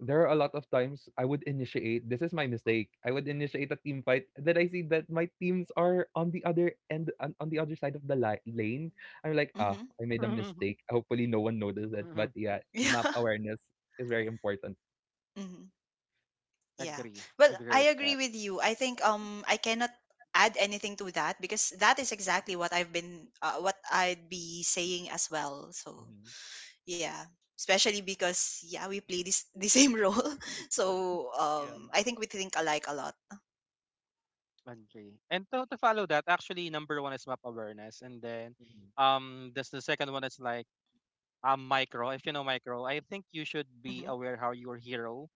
S1: there are a lot of times I would initiate. This is my mistake. I would initiate a team fight. Then I see that my teams are on the other end, on the other side of the lane. I'm like, ah,
S2: mm-hmm.
S1: I made a mistake. Hopefully, no one noticed it. But yeah, map
S2: Yeah.
S1: awareness is very important.
S2: Mm-hmm. Yeah,
S3: agree.
S2: well,
S3: Agree with
S2: I agree
S3: that.
S2: with you. I think I cannot add anything to that because that is exactly what I've been what I'd be saying as well. So
S1: Mm-hmm.
S2: yeah, especially because, yeah, we play this the same role. So
S1: Yeah.
S2: I think we think alike a lot.
S3: Agree. And to follow that, actually, number one is map awareness, and then
S1: Mm-hmm.
S3: this the second one is like micro. If you know micro, I think you should
S2: Mm-hmm.
S3: be aware how your hero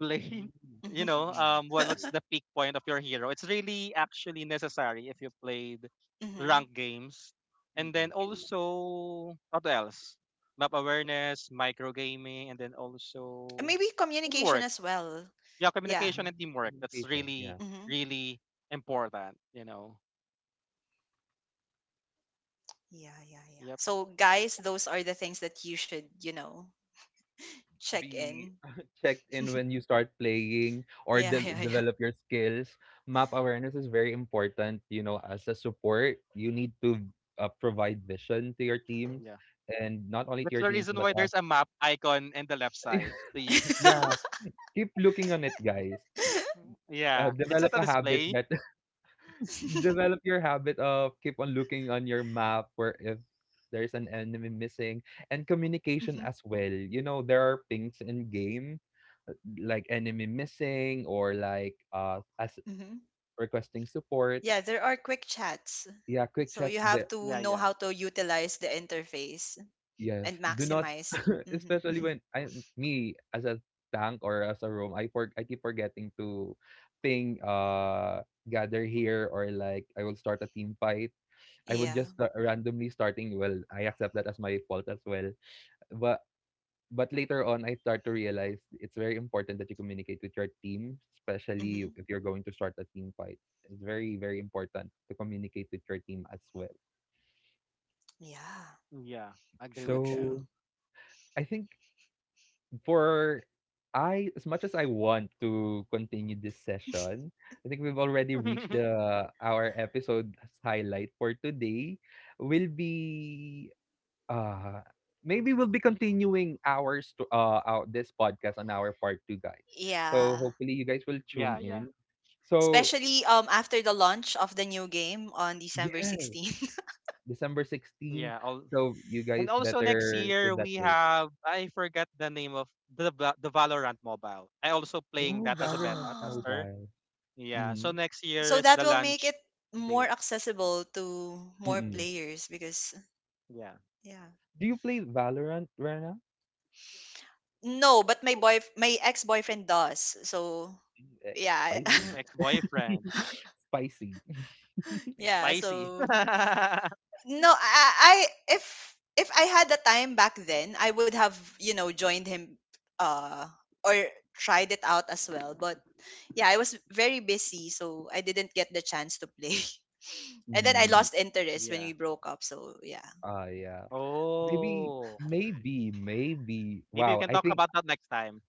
S3: play.
S1: Mm-hmm.
S3: You
S2: Mm-hmm.
S3: know,
S1: Mm-mm.
S3: what's
S1: True.
S3: the peak point of your hero? It's really actually necessary if you played
S2: Mm-hmm.
S3: ranked games, and
S1: Mm-mm.
S3: then
S1: True.
S3: also what else? Map awareness, micro gaming, and then
S2: And
S3: also
S2: maybe communication
S3: teamwork.
S2: as well.
S3: Yeah,
S2: Yeah.
S1: Yeah,
S3: communication and teamwork. That's
S1: communication.
S3: really
S1: Yeah,
S2: Mm-hmm.
S3: really important. You know.
S2: Yeah, yeah, yeah.
S3: Yep.
S2: So guys, those are the things that you should, you know, check
S1: be
S2: in.
S1: checked in when you start playing or
S2: Yeah, yeah, yeah.
S1: develop your skills. Map awareness is very important. You know, as a support, you need to provide vision to your teams,
S3: Yeah.
S1: and not only to
S3: That's
S1: your
S3: the
S1: teams,
S3: reason
S1: but
S3: why
S1: as
S3: there's a map icon in the left side to use.
S1: yeah, keep looking on it, guys.
S3: yeah. It's not
S1: Develop
S3: a
S1: a habit
S3: display.
S1: that Develop your habit of keep on looking on your map where if there's an enemy missing. And communication
S2: Mhm,
S1: as well. You know, there are pings in game like enemy missing or like as
S2: mhm.
S1: requesting support,
S2: Yeah, there are quick chats.
S1: yeah, quick
S2: So you
S1: chats
S2: have
S1: there,
S2: to
S3: Yeah,
S2: know
S3: yeah.
S2: how to utilize the interface
S1: yes,
S2: and
S1: do not
S2: maximize. Hmm.
S1: especially when I me as a tank or as a roam, I keep forgetting to ping, gather here, or like I will start a team fight. I would
S2: Yeah.
S1: just randomly starting, well, I accept that as my fault as well, but later on I start to realize it's very important that you communicate with your team, especially
S2: Mm-hmm.
S1: if you're going to start a team fight. It's very, very important to communicate with your team as well.
S2: Yeah,
S3: Yeah. I agree
S2: true,
S3: with that.
S2: true.
S1: So I think, for I as much as I want to continue this session, I think we've already reached the our episode highlight for today. Will be Uh, maybe we'll be continuing our this podcast on our part two, guys. So
S2: Yeah.
S1: hopefully you guys will tune
S3: yeah, yeah.
S1: in. So
S2: Especially after the launch of the new game on December
S1: yes,
S2: 16th.
S1: December 16th.
S3: Yeah. All
S1: So you
S3: and
S1: guys
S3: also next
S1: better save
S3: year
S1: that
S3: we
S1: date.
S3: have I forgot the name of the Valorant mobile. I also playing
S1: Oh,
S3: that as a
S1: Valorant
S3: beta tester.
S1: Mobile.
S3: Yeah. So
S1: Mm-hmm.
S3: next year
S2: So
S3: is
S2: that
S3: the
S2: will make
S3: launch
S2: it more
S3: date.
S2: accessible to more
S1: Mm-mm.
S2: players because,
S3: Yeah.
S2: yeah.
S1: Do you play Valorant right now?
S2: No, but my ex-boyfriend does. So
S1: X,
S2: yeah.
S1: spicy.
S3: Mm, ex-boyfriend.
S1: Spicy.
S2: Yeah,
S3: Spicy.
S2: so no, I, if if I had the time back then, I would have, you know, joined him, uh, or tried it out as well. But yeah, I was very busy, so I didn't get the chance to play. And then I
S1: Mm,
S2: lost interest when
S3: yeah.
S2: we broke up. So yeah.
S1: yeah. Maybe,
S3: Oh. Okay.
S1: maybe, maybe.
S3: Maybe we
S1: Wow,
S3: can
S1: I
S3: talk
S1: think
S3: about that next time.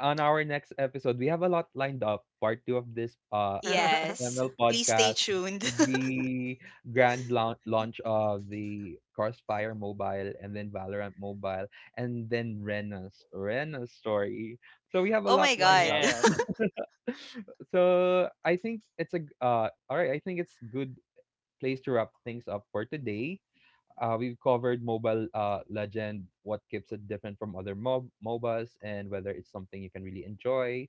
S1: on our next episode, we have a lot lined up. Part two of this
S2: Yes.
S1: ML
S2: Please stay
S1: podcast,
S2: tuned.
S1: the grand launch of the Crossfire Mobile, and then Valorant Mobile, and then Rena's story. So we have a
S2: Oh
S1: lot
S2: my
S1: lined
S2: god.
S1: up.
S3: Yes.
S1: So I think it's a all right, I think it's good place to wrap things up for today. We've covered mobile legend, what keeps it different from other MOBAs, and whether it's something you can really enjoy.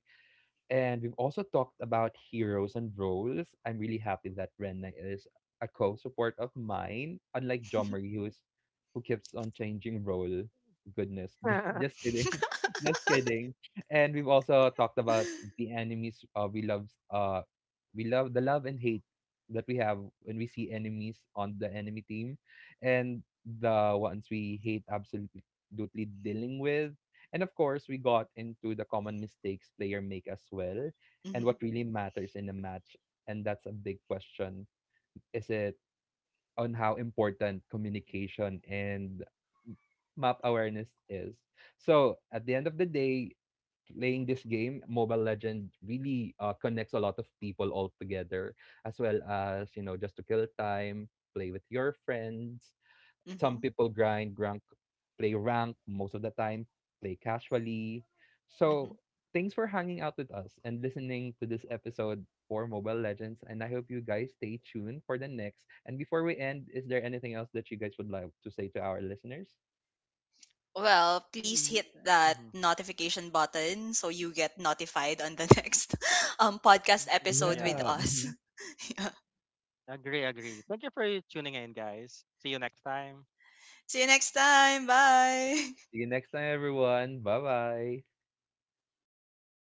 S1: And we've also talked about heroes and roles. I'm really happy that Renna is a co-support of mine, unlike Jomri, who keeps on changing role. Goodness, just kidding, just kidding. And we've also talked about the enemies we love. We love the love and hate that we have when we see enemies on the enemy team, and the ones we hate absolutely dealing with. And of course, we got into the common mistakes player make as well, and
S2: Hmm.
S1: what really matters in a match. And that's a big question. Is it on how important communication and map awareness is? So at the end of the day, playing this game, Mobile Legend really connects a lot of people all together, as well as, you know, just to kill time, play with your friends, some
S2: Hmm.
S1: people grind, rank, play rank most of the time, play casually.
S2: Hmm.
S1: So, thanks for hanging out with us and listening to this episode for Mobile Legends. And I hope you guys stay tuned for the next. And before we end, is there anything else that you guys would like to say to our listeners?
S2: Well, please
S3: Y-
S2: hit that
S3: mhm.
S2: notification button so you get notified on the next podcast
S3: Mm, mm,
S2: episode with
S3: Yeah.
S1: Yeah.
S2: us.
S1: Mhm.
S3: Agree, agree. Thank you for tuning in, guys. See you next time.
S2: See you next time. Bye.
S1: See you next time, everyone. Bye bye.